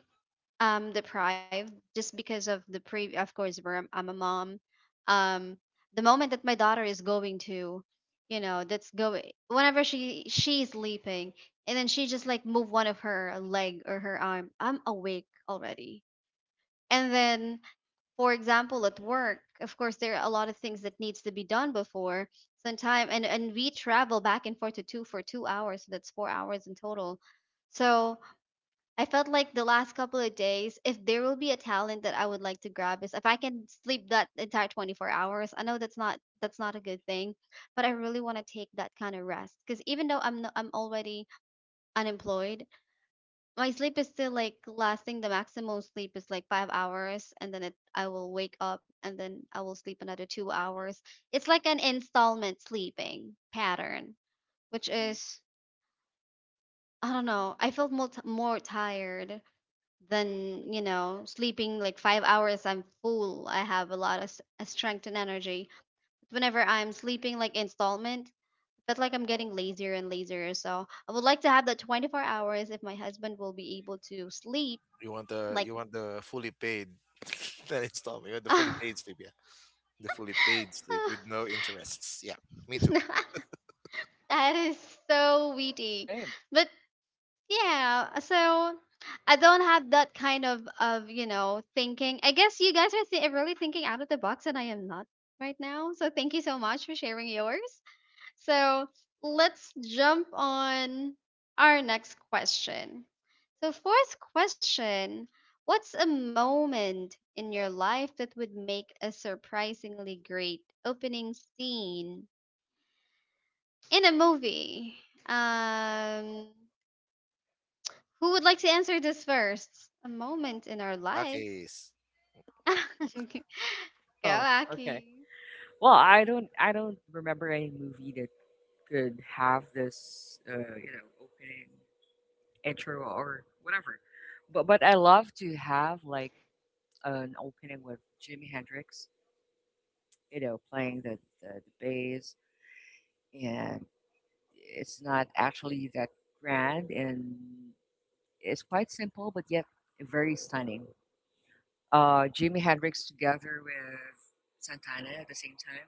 deprived, just because of the pre, of course, where I'm a mom. um the moment that my daughter is going to, you know, that's going, whenever she she's sleeping, and then she just like move one of her leg or her arm, I'm awake already. And then, for example, at work of course there are a lot of things that needs to be done before sometime, and we travel back and forth to two for 2 hours, so that's 4 hours in total. So I felt like the last couple of days, if there will be a talent that I would like to grab is if I can sleep that entire 24 hours. I know that's not, that's not a good thing, but I really want to take that kind of rest because even though I'm no, I'm already unemployed, my sleep is still like lasting. The maximum sleep is like 5 hours, and then it, I will wake up and then I will sleep another 2 hours. It's like an installment sleeping pattern, which hmm, is, I don't know. I felt more, more tired. Then you know sleeping like 5 hours I'm full, I have a lot of strength and energy. But whenever I'm sleeping like installment, I feel like I'm getting lazier and lazier. So I would like to have that 24 hours if my husband will be able to sleep You want the, like fully paid, (laughs) that installment. You want the fully (laughs) ah, paid sleep, yeah. The fully paid sleep with no interests. Yeah, me too. (laughs) that is so witty. same. But yeah, so I don't have that kind of you know, thinking. I guess you guys are really thinking out of the box, and I am not right now. So thank you so much for sharing yours. So let's jump on our next question. So fourth question: what's a moment in your life that would make a surprisingly great opening scene in a movie? Um. Who would like to answer this first? A moment in our lives. Okay. (laughs) Go, Oh, okay. Aki. Well, I don't remember any movie that could have this, you know, opening intro or whatever. But I love to have like an opening with Jimi Hendrix, you know, playing the bass, and it's not actually that grand, and it's quite simple, but yet very stunning. Jimi Hendrix together with Santana at the same time.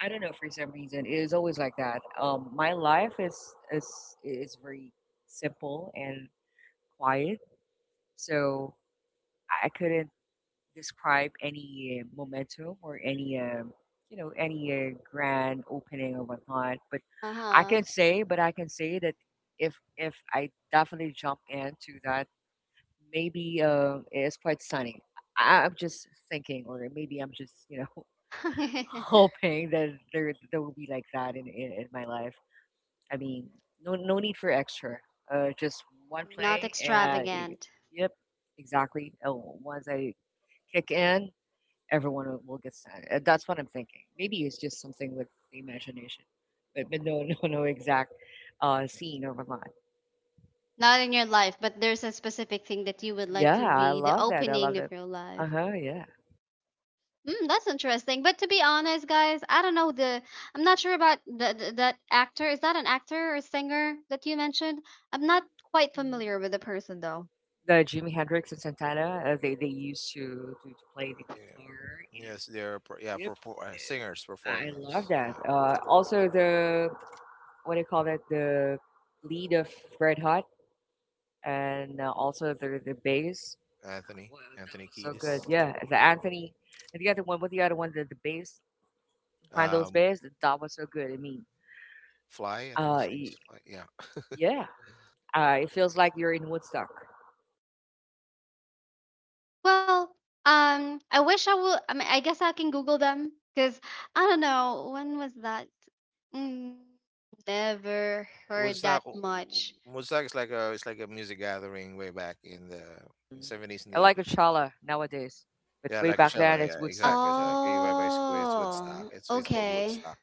I don't know for some reason it is always like that. My life is is very simple and quiet, so I couldn't describe any momentum or any you know, any grand opening or whatnot. But I Uh can say, but I can say that if I definitely jump into that, maybe it's quite sunny. I'm just thinking, or maybe I'm just, you know, huh. (laughs) (laughs) hoping that there will be like that in in my life. I mean, no need for extra. Just one Not play and extravagant. yep, exactly. Oh, once I kick in, everyone will get signed. That's what I'm thinking. Maybe it's just something with the imagination, but, no, (laughs) no, no exact scene or whatnot. Not in your life, but there's a specific thing that you would like Yeah, to I be the love that. I love opening of that. your Uh life. huh. Yeah. That's interesting. But to be honest, guys, I don't know the. I'm not sure about the that actor. Is that an actor or singer that you mentioned? I'm not quite Hmm. familiar with the person though. The Jimi Hendrix and Santana, they used to, to play the Yeah. guitar and Yes, they're, yeah, yep, for, singers, I love performers. that. Yeah, Also the what do you call that? The lead of Red Hot and also the bass. Anthony Wow, that Anthony was so Kiedis. good. Yeah, the Anthony and the other one, what the other one, the bass, who handles um, bass, that was so good. I mean, Fly. I think uh, his name's y- Fly. Yeah. yeah, it feels like you're in Woodstock. Well, I wish I will. I mean, I guess I can Google them because I don't know when was that. Mm, never (laughs) heard that Woodstock. much. Woodstock is like a, it's like a music gathering way back in the Mm. seventies and I the like eighties. Coachella nowadays, but Yeah, way like back then Coachella. it's Yeah, Woodstock. exactly. Hmm. Coachella. Okay, by back it's Woodstock. Oh, It's called okay. Woodstock.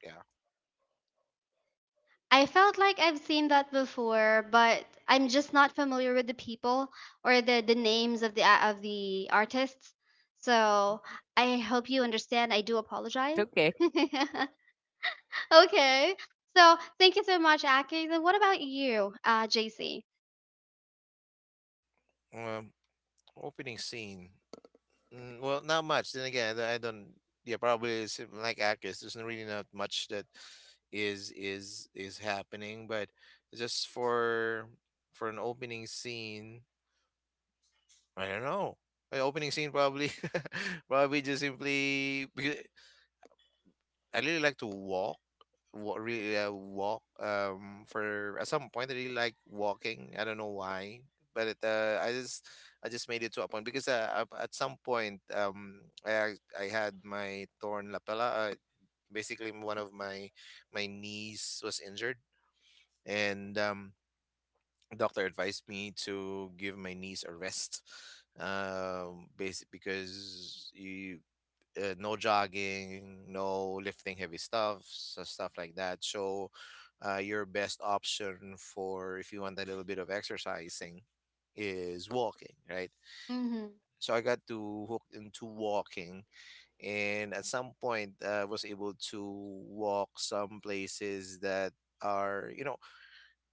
I felt like I've seen that before, but I'm just not familiar with the people or the names of the artists. Hmm. So I hope you understand. I do It's apologize. okay. (laughs) Okay. So thank you so much, Aki. And what about you, JC? Yeah. Opening scene. Mm, well, not much. Then again, I don't. I don't. Yeah, probably it's, like Akis. There's really not much that is happening, but just for an opening scene, I don't know. An opening scene probably (laughs) probably just simply because I really like to walk, really walk. For, at some point, I really like walking. I don't know why, but it, I just made it to a point because, at some point, I had my torn lapella. Basically, one of my knees was injured, and, doctor advised me to give my knees a rest, basic because you, no jogging, no lifting heavy stuff, so stuff like that. So, your best option for if you want a little bit of exercising is walking, right? Mm-hmm. So I got to hooked into walking, and at some point I was able to walk some places that are, you know,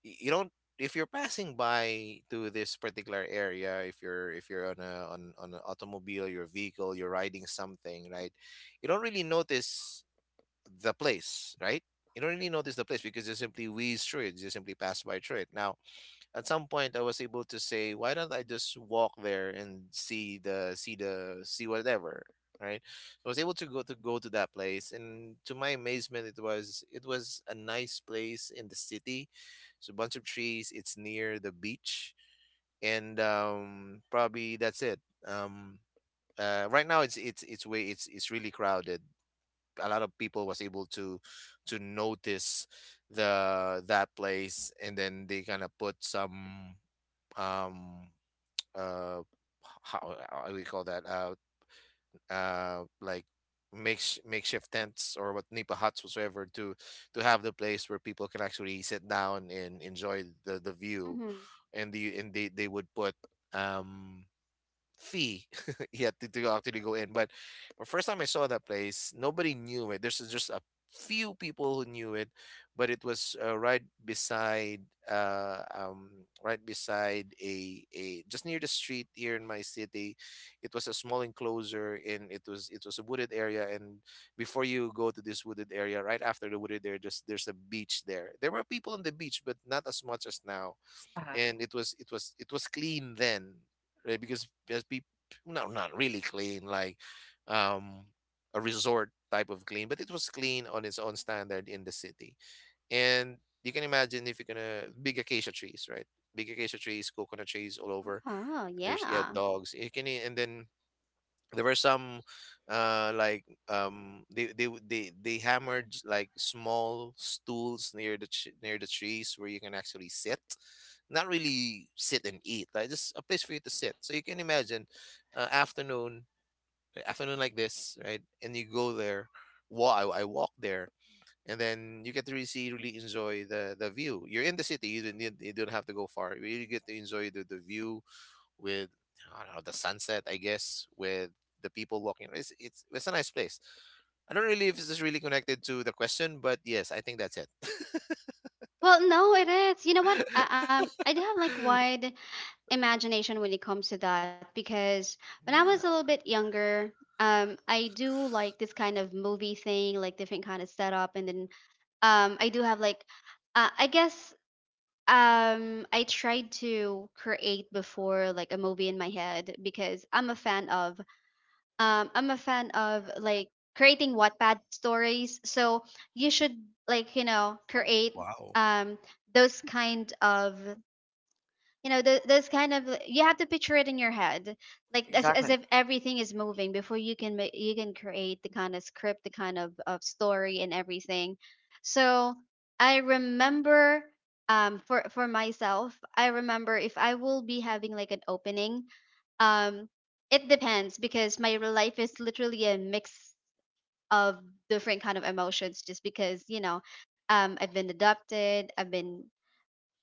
you don't, if you're passing by to this particular area, if you're on on an automobile, your vehicle, you're riding something, right? You don't really notice the place, right? You don't really notice the place because you simply whiz through it, you simply pass by through it. Now, at some point I was able to say, why don't I just walk there and see the, see whatever, right? I was able to go to that place, and to my amazement, it was a nice place in the city. It's a bunch of trees. It's near the beach, and, probably that's it. Um, right now, it's way it's really crowded. A lot of people was able to notice the that place, and then they kind of put some, um how do we call that, like, makeshift tents or what, nipa huts whatsoever, to have the place where people can actually sit down and enjoy the view, Mm-hmm. and they would put, um fee. (laughs) You had to actually go in. But the first time I saw that place, nobody knew it, there's just a few people who knew it. But it was, uh um right beside a, just near the street here in my city. It was a small enclosure and it was a wooded area, and before you go to this wooded area, right after the wooded area, just, there's a beach there were people on the beach, but not as much as now. Uh huh. And it was clean then, right? Because as people, not really clean like, um a resort type of clean, but it was clean on its own standard in the city. And you can imagine, if you're gonna, big acacia trees, right? Big acacia trees, coconut trees all over. Oh There's, yeah, yeah. dogs you can e, and then there were some, like, they w- they hammered like small stools near near the trees where you can actually sit, not really sit and eat, like just a place for you to sit. So you can imagine, uh, afternoon afternoon like this, right? And you go there, I walk there, and then you get to really see, really enjoy the view. You're in the city, you don't have to go far, you really get to enjoy the view with, I don't know, the sunset, I guess, with the people walking. It's a nice place. I don't really if this is really connected to the question, but yes, I think that's it. (laughs) Well, no, it is. You know what? I do have like wide imagination when it comes to that because when I Yeah. was a little bit younger, I do like this kind of movie thing, like different kind of setup, and then I do have like I guess I tried to create before like a movie in my head because I'm a fan of like creating Wattpad stories. So you should like you know Oh, create Wow. um those kind of you know this kind of you have to picture it in your head like as exactly. if everything is moving before you can create the kind of script the kind of story and everything so I remember for myself I remember if I will be having like an opening, um it depends because my real life is literally a mix of different kind of emotions just because you know I've been adopted. i've been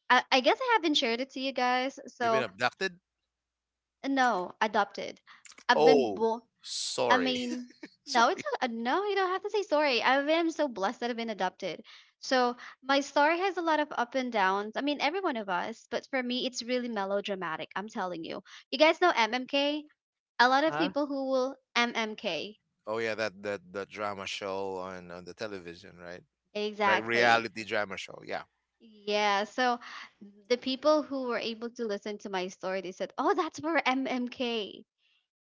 i, I guess I haven't shared it to you guys You've been so abducted? no, adopted. I've been Oh, born. I sorry. mean, (laughs) no, Sorry. No. You don't have to say sorry. I am so blessed that I've been adopted. So my story has a lot of up and downs. I mean, every one of us. But for me, it's really melodramatic. I'm telling you. You guys know MMK. A lot Uh of huh. people who will MMK. Oh yeah, that that the drama show on the television, right? Like Exactly. reality drama show. Yeah. Yeah. So the people who were able to listen to my story, they said, "Oh, that's for MMK."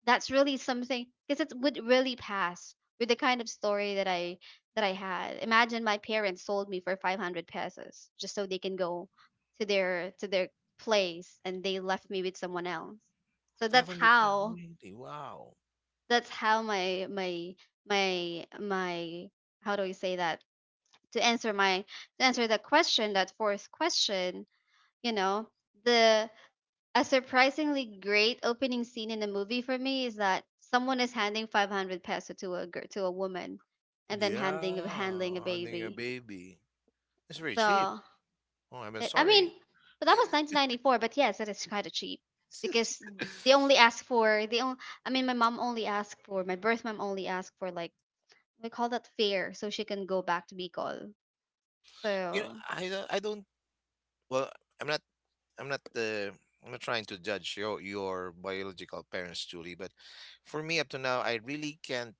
That's really something because it would really pass with the kind of story that I had. Imagine my parents sold me for 500 pesos just so they can go to their place and they left me with someone else. So Five that's hundred how really. Wow. that's how my how do you say that, to answer my to answer the question, that fourth question, you know, the a surprisingly great opening scene in a movie for me is that someone is handing 500 peso to a girl, to a woman and then Yeah, handing handling a hunting a baby. baby. It's very cheap. So, Oh, I'm I sorry. mean, but that was 1994, but yes, that is kind of cheap (laughs) It's because they just- only (laughs) ask for they only, I mean, my birth mom only asked for like we call that fare so she can go back to Bicol. So, I don't Well, I'm not I'm not uh, I'm not trying to judge your biological parents, Julie, but for me up to now, I really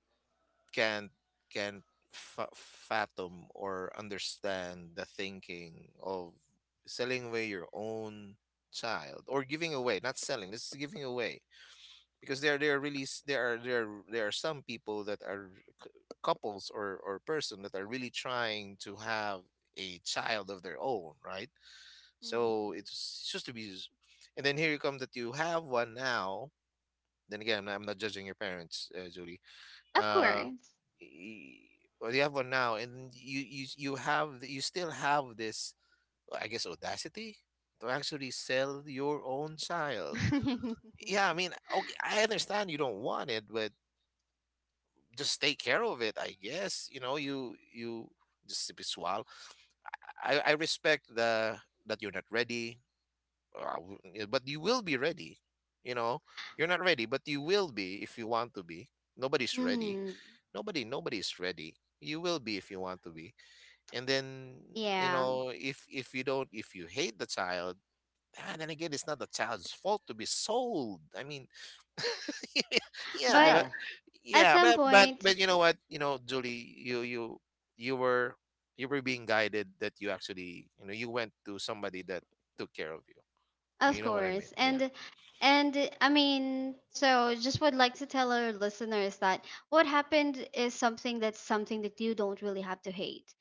can't can't fa fathom or understand the thinking of selling away your own child or giving away, not selling, this is giving away. Because there are some people that are c- couples or person that are really trying to have a child of their own, right? So mhm. it's just to be, s- and then here you come that you have one now. Then again, I'm not judging your parents, Julie. Of Uh, course. y- or you have one now, and you still have this, well, I guess, audacity to actually sell your own child. (laughs) Yeah, I mean, okay, I understand you don't want it, but just take care of it. I guess, you just sip it swallow. I respect the that you're not ready. Yeah, but you will be ready. you know you're not ready, but you will be if you want to be. Nobody's ready. Mhm. Nobody's ready. You will be if you want to be. And then Yeah. If you don't, if you hate the child. Then again, it's not the child's fault to be sold. I mean, (laughs) yeah, But diba? Yeah, at Yeah, some point, but you know what, you know, Julie, you were you were being guided that you actually, you went to somebody that took care of you. of You know what I mean? course, Yeah. and I mean, so just would like to tell our listeners that what happened is something that's something that you don't really have to hate.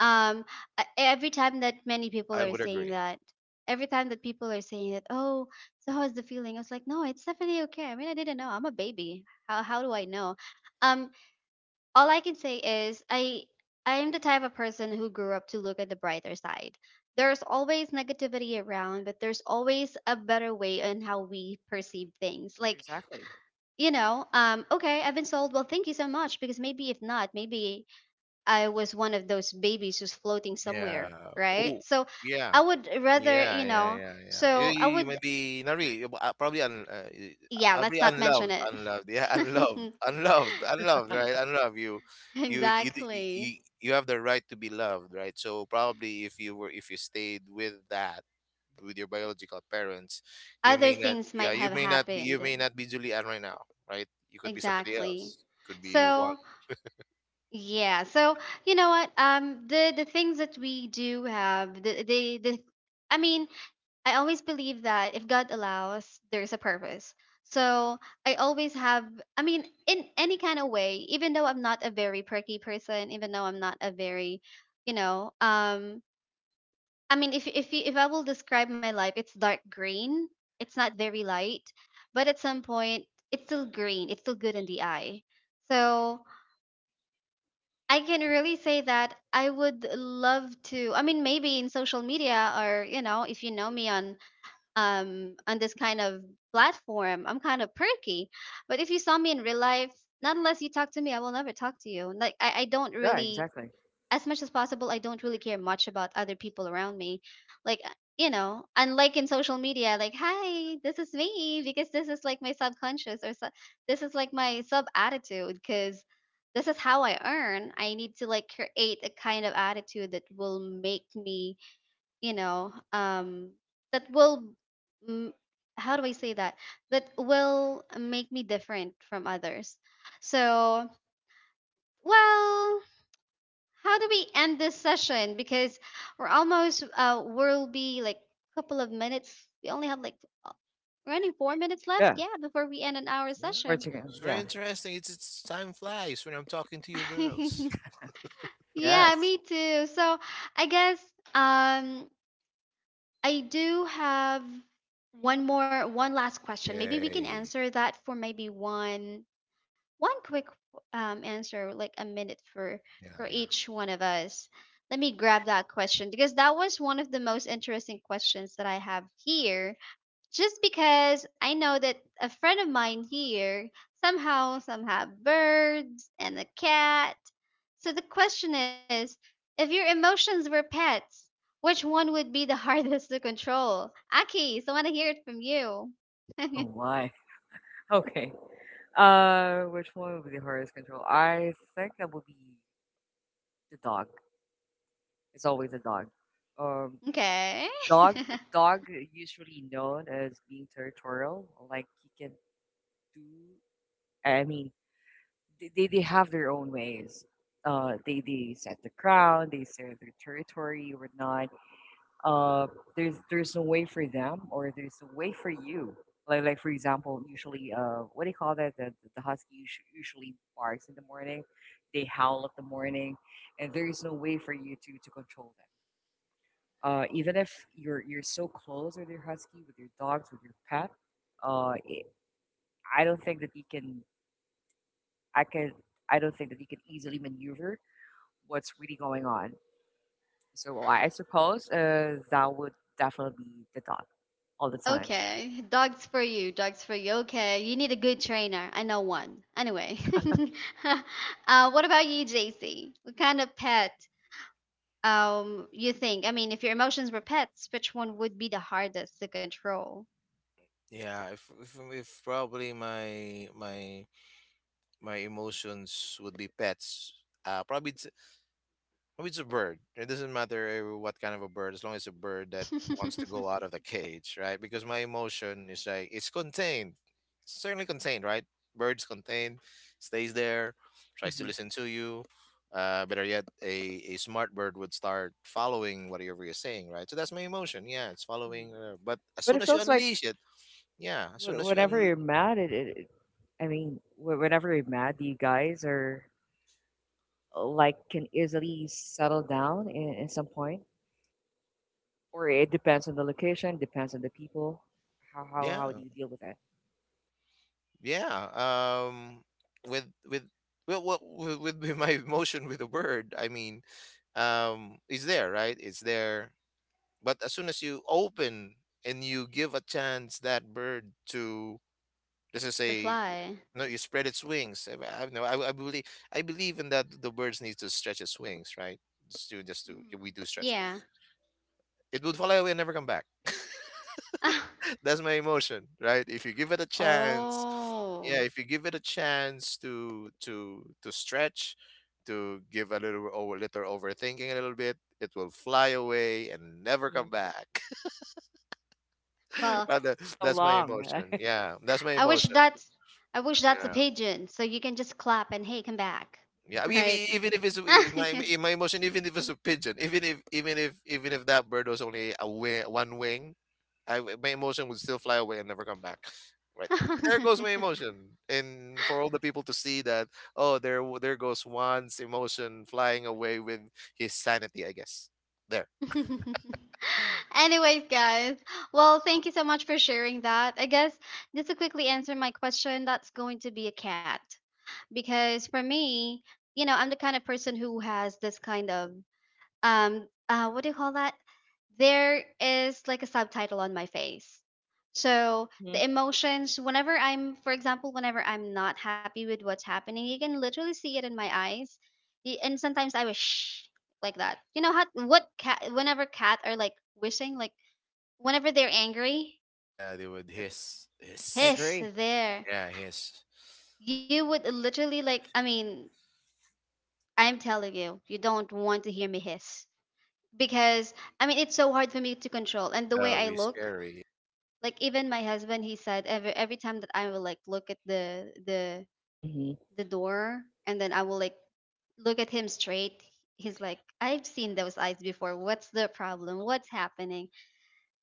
Um, every time that many people I are would saying agree. that, every time that people are saying that, oh, so how is the feeling? I was like, no, it's definitely okay. I mean, I didn't know. I'm a baby. How do I know? Um, all I can say is I am the type of person who grew up to look at the brighter side. There's always negativity around, but there's always a better way on how we perceive things. Like, exactly. you know, okay, I've been sold. Well, thank you so much because maybe if not, maybe I was one of those babies who's floating Yeah. somewhere, right? Oh, So yeah. I would rather, Yeah, you yeah, know, yeah, yeah. So I You may would, be not really, probably yeah, I'll be let's not mention unloved, it. unloved. Yeah, (laughs) unloved, unloved, unloved. Right, unloved. You, (laughs) you, you, d- y- Exactly. y- You have the right to be loved, right? So probably if you stayed with that, with your biological parents, you Other may not, things yeah, might have you may happened. not be Julianne right now, right? You could be somebody Exactly. else. Could be one. So yeah, so you know what? The things that we do have, I mean, I always believe that if God allows, there's a purpose. So I always have, I mean, in any kind of way, even though I'm not a very perky person, even though I'm not a very, you know, I mean, if I will describe my life, it's dark green. It's not very light, but at some point, it's still green. It's still good in the eye. So I can really say that I would love to. I mean, maybe in social media or you know, if you know me on this kind of platform, I'm kind of perky. But if you saw me in real life, not unless you talk to me, I will never talk to you. Like I don't Yeah, really, exactly. as much as possible, I don't really care much about other people around me. Like, you know, unlike in social media, like, hi, this is me, because this is like my subconscious or su- this is like my sub attitude, because this is how I earn. I need to like create a kind of attitude that will make me, you know, that will, mm, how do I say that? That will make me different from others. So, well, how do we end this session? Because we're almost we'll be like a couple of minutes. We only have like running 4 minutes left. Yeah, Yeah, before we end an hour Yeah. session. Portugal. It's very Yeah. interesting. It's Time flies when I'm talking to you girls. (laughs) Yeah, Yes. me too. So I guess um I do have one last question. Maybe we can Yay. answer that for maybe one quick answer, like a minute Yeah, for yeah. each one of us. Let me grab that question because that was one of the most interesting questions that I have here. Just because I know that a friend of mine here somehow some have birds and a cat. So the question is, if your emotions were pets, which one would be the (laughs) hardest to control? Aki, so I want to hear it from you. Oh my. (laughs) Okay. Which one would be the hardest control? I think that would be the dog. It's always a dog. Um, Okay. dog (laughs) dog usually known as being territorial. Like he can do. I mean, they have their own ways. They set the ground. They set their territory or not. Uh, there's no way for them or there's a way for you. Like for example, usually what do you call that? The husky usually barks in the morning. They howl at the morning, and there is no way for you to control them. Even if you're so close with your husky, with your dogs, with your pet, uh, it, I don't think that you can. I can. I don't think that you can easily maneuver what's really going on. So I suppose that would definitely be the dog all the time. Okay, dogs for you, dogs for you. Okay, you need a good trainer. I know one. Anyway, (laughs) what about you, JC? What kind of pet you think? I mean, if your emotions were pets, which one would be the hardest to control? Yeah, if probably my emotions would be pets, uh, probably. Oh, it's a bird. It doesn't matter, eh, what kind of a bird, as long as it's a bird (laughs) that wants to The go out of the cage, right? Because my emotion is like it's contained, certainly contained, right? Birds contained, stays there, tries to Hmm. listen to you. Better yet, a smart bird would start following whatever you're saying, right? So that's my emotion. Yeah, it's Hmm. following. But as But soon it as you feels like unleash it, yeah, as soon as you whenever un- you're mad, it, I mean, whenever you're mad, you guys are like can easily settle down in some point. Or it depends on the location, depends on the people. How do yeah, you deal with that? yeah. With well, with (laughs) my emotion with a bird, I mean, is there, right? It's there, but as soon as you open and you give a chance that bird to, let's just say, fly. no, you spread its wings. I know, I believe in that the birds need to stretch its wings, right. Just to We Mhm. do stretching. Yeah. It would fly away and never come back. (laughs) (laughs) That's my emotion, right? If you give it a chance, Ah, yeah, oh. if you give it a chance to stretch, to give a little over little overthinking a little bit, it will fly away and never Hmm. come back. (laughs) Well, Rather, So that's my long. emotion. Yeah, that's my I wish emotion. that's I wish that's a Yeah, pigeon, so you can just clap and hey, come back, yeah. I (laughs) mean, right? even if it's my emotion, even if it's a pigeon, even if that bird was only a wing, one wing, I w my emotion would still fly away and never come back. (laughs) Right. There goes my (laughs) emotion. And for all the people to see that, oh, there goes Juan's emotion flying away with his sanity, I guess. There. (laughs) Anyways, guys, well, thank you so much for sharing that. I guess just to quickly answer my question, that's going to be a cat. Because for me, you know, I'm the kind of person who has this kind of what do you call that, there is like a subtitle on my face, so (laughs) Hmm. the emotions whenever I'm, for example, whenever I'm not happy with what's happening, you can literally see it in my eyes. And sometimes I wish like that, you know how what cat, whenever cat are like wishing like whenever they're angry, Yeah, they would Yep, hiss, I hiss. hiss agree. there, Yeah, hiss. you would literally like, I mean, I'm telling you, you don't want to hear me hiss because I mean, it's so hard for me to control. And the That way would I be look, scary. like even my husband he said every time that I will like look at the the Hmm. the door and then I will like look at him straight, he's like I've seen those eyes before, what's the problem, what's happening,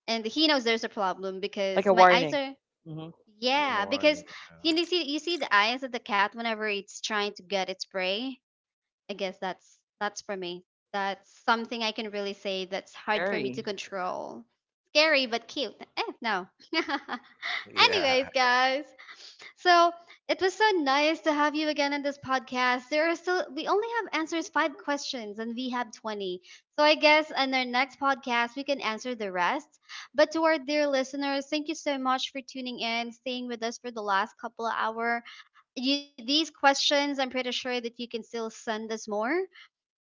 and he knows there's a problem Like because a my eyes warning. are Hmm. No yeah because warning. you Yeah. know, see you see the eyes of the cat whenever it's trying to get its prey, I guess that's for me. That's something I can really say that's hard for me to Gary, control. Scary but cute. Eh, no. (laughs) (laughs) Yeah. Anyways, guys. So it was so nice to have you again in this podcast. There are still, we only have answers five questions and we have 20. So I guess in our next podcast we can answer the rest. But to our dear listeners, thank you so much for tuning in, staying with us for the last couple of hours. You, these questions, I'm pretty sure that you can still send us more.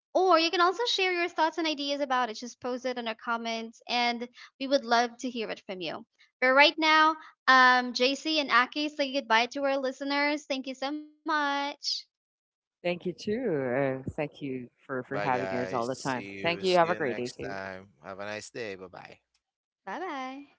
Or you can also share your thoughts and ideas about it. Just post it in our comments, and we would love to hear it from you. But right now, JC and Aki say goodbye to our listeners. Thank you so much. thank you too. Thank you for Bye, having us all guys. the time. See you. Thank you. See Have a you great day next too. time. Have a nice day. Bye bye. Bye bye.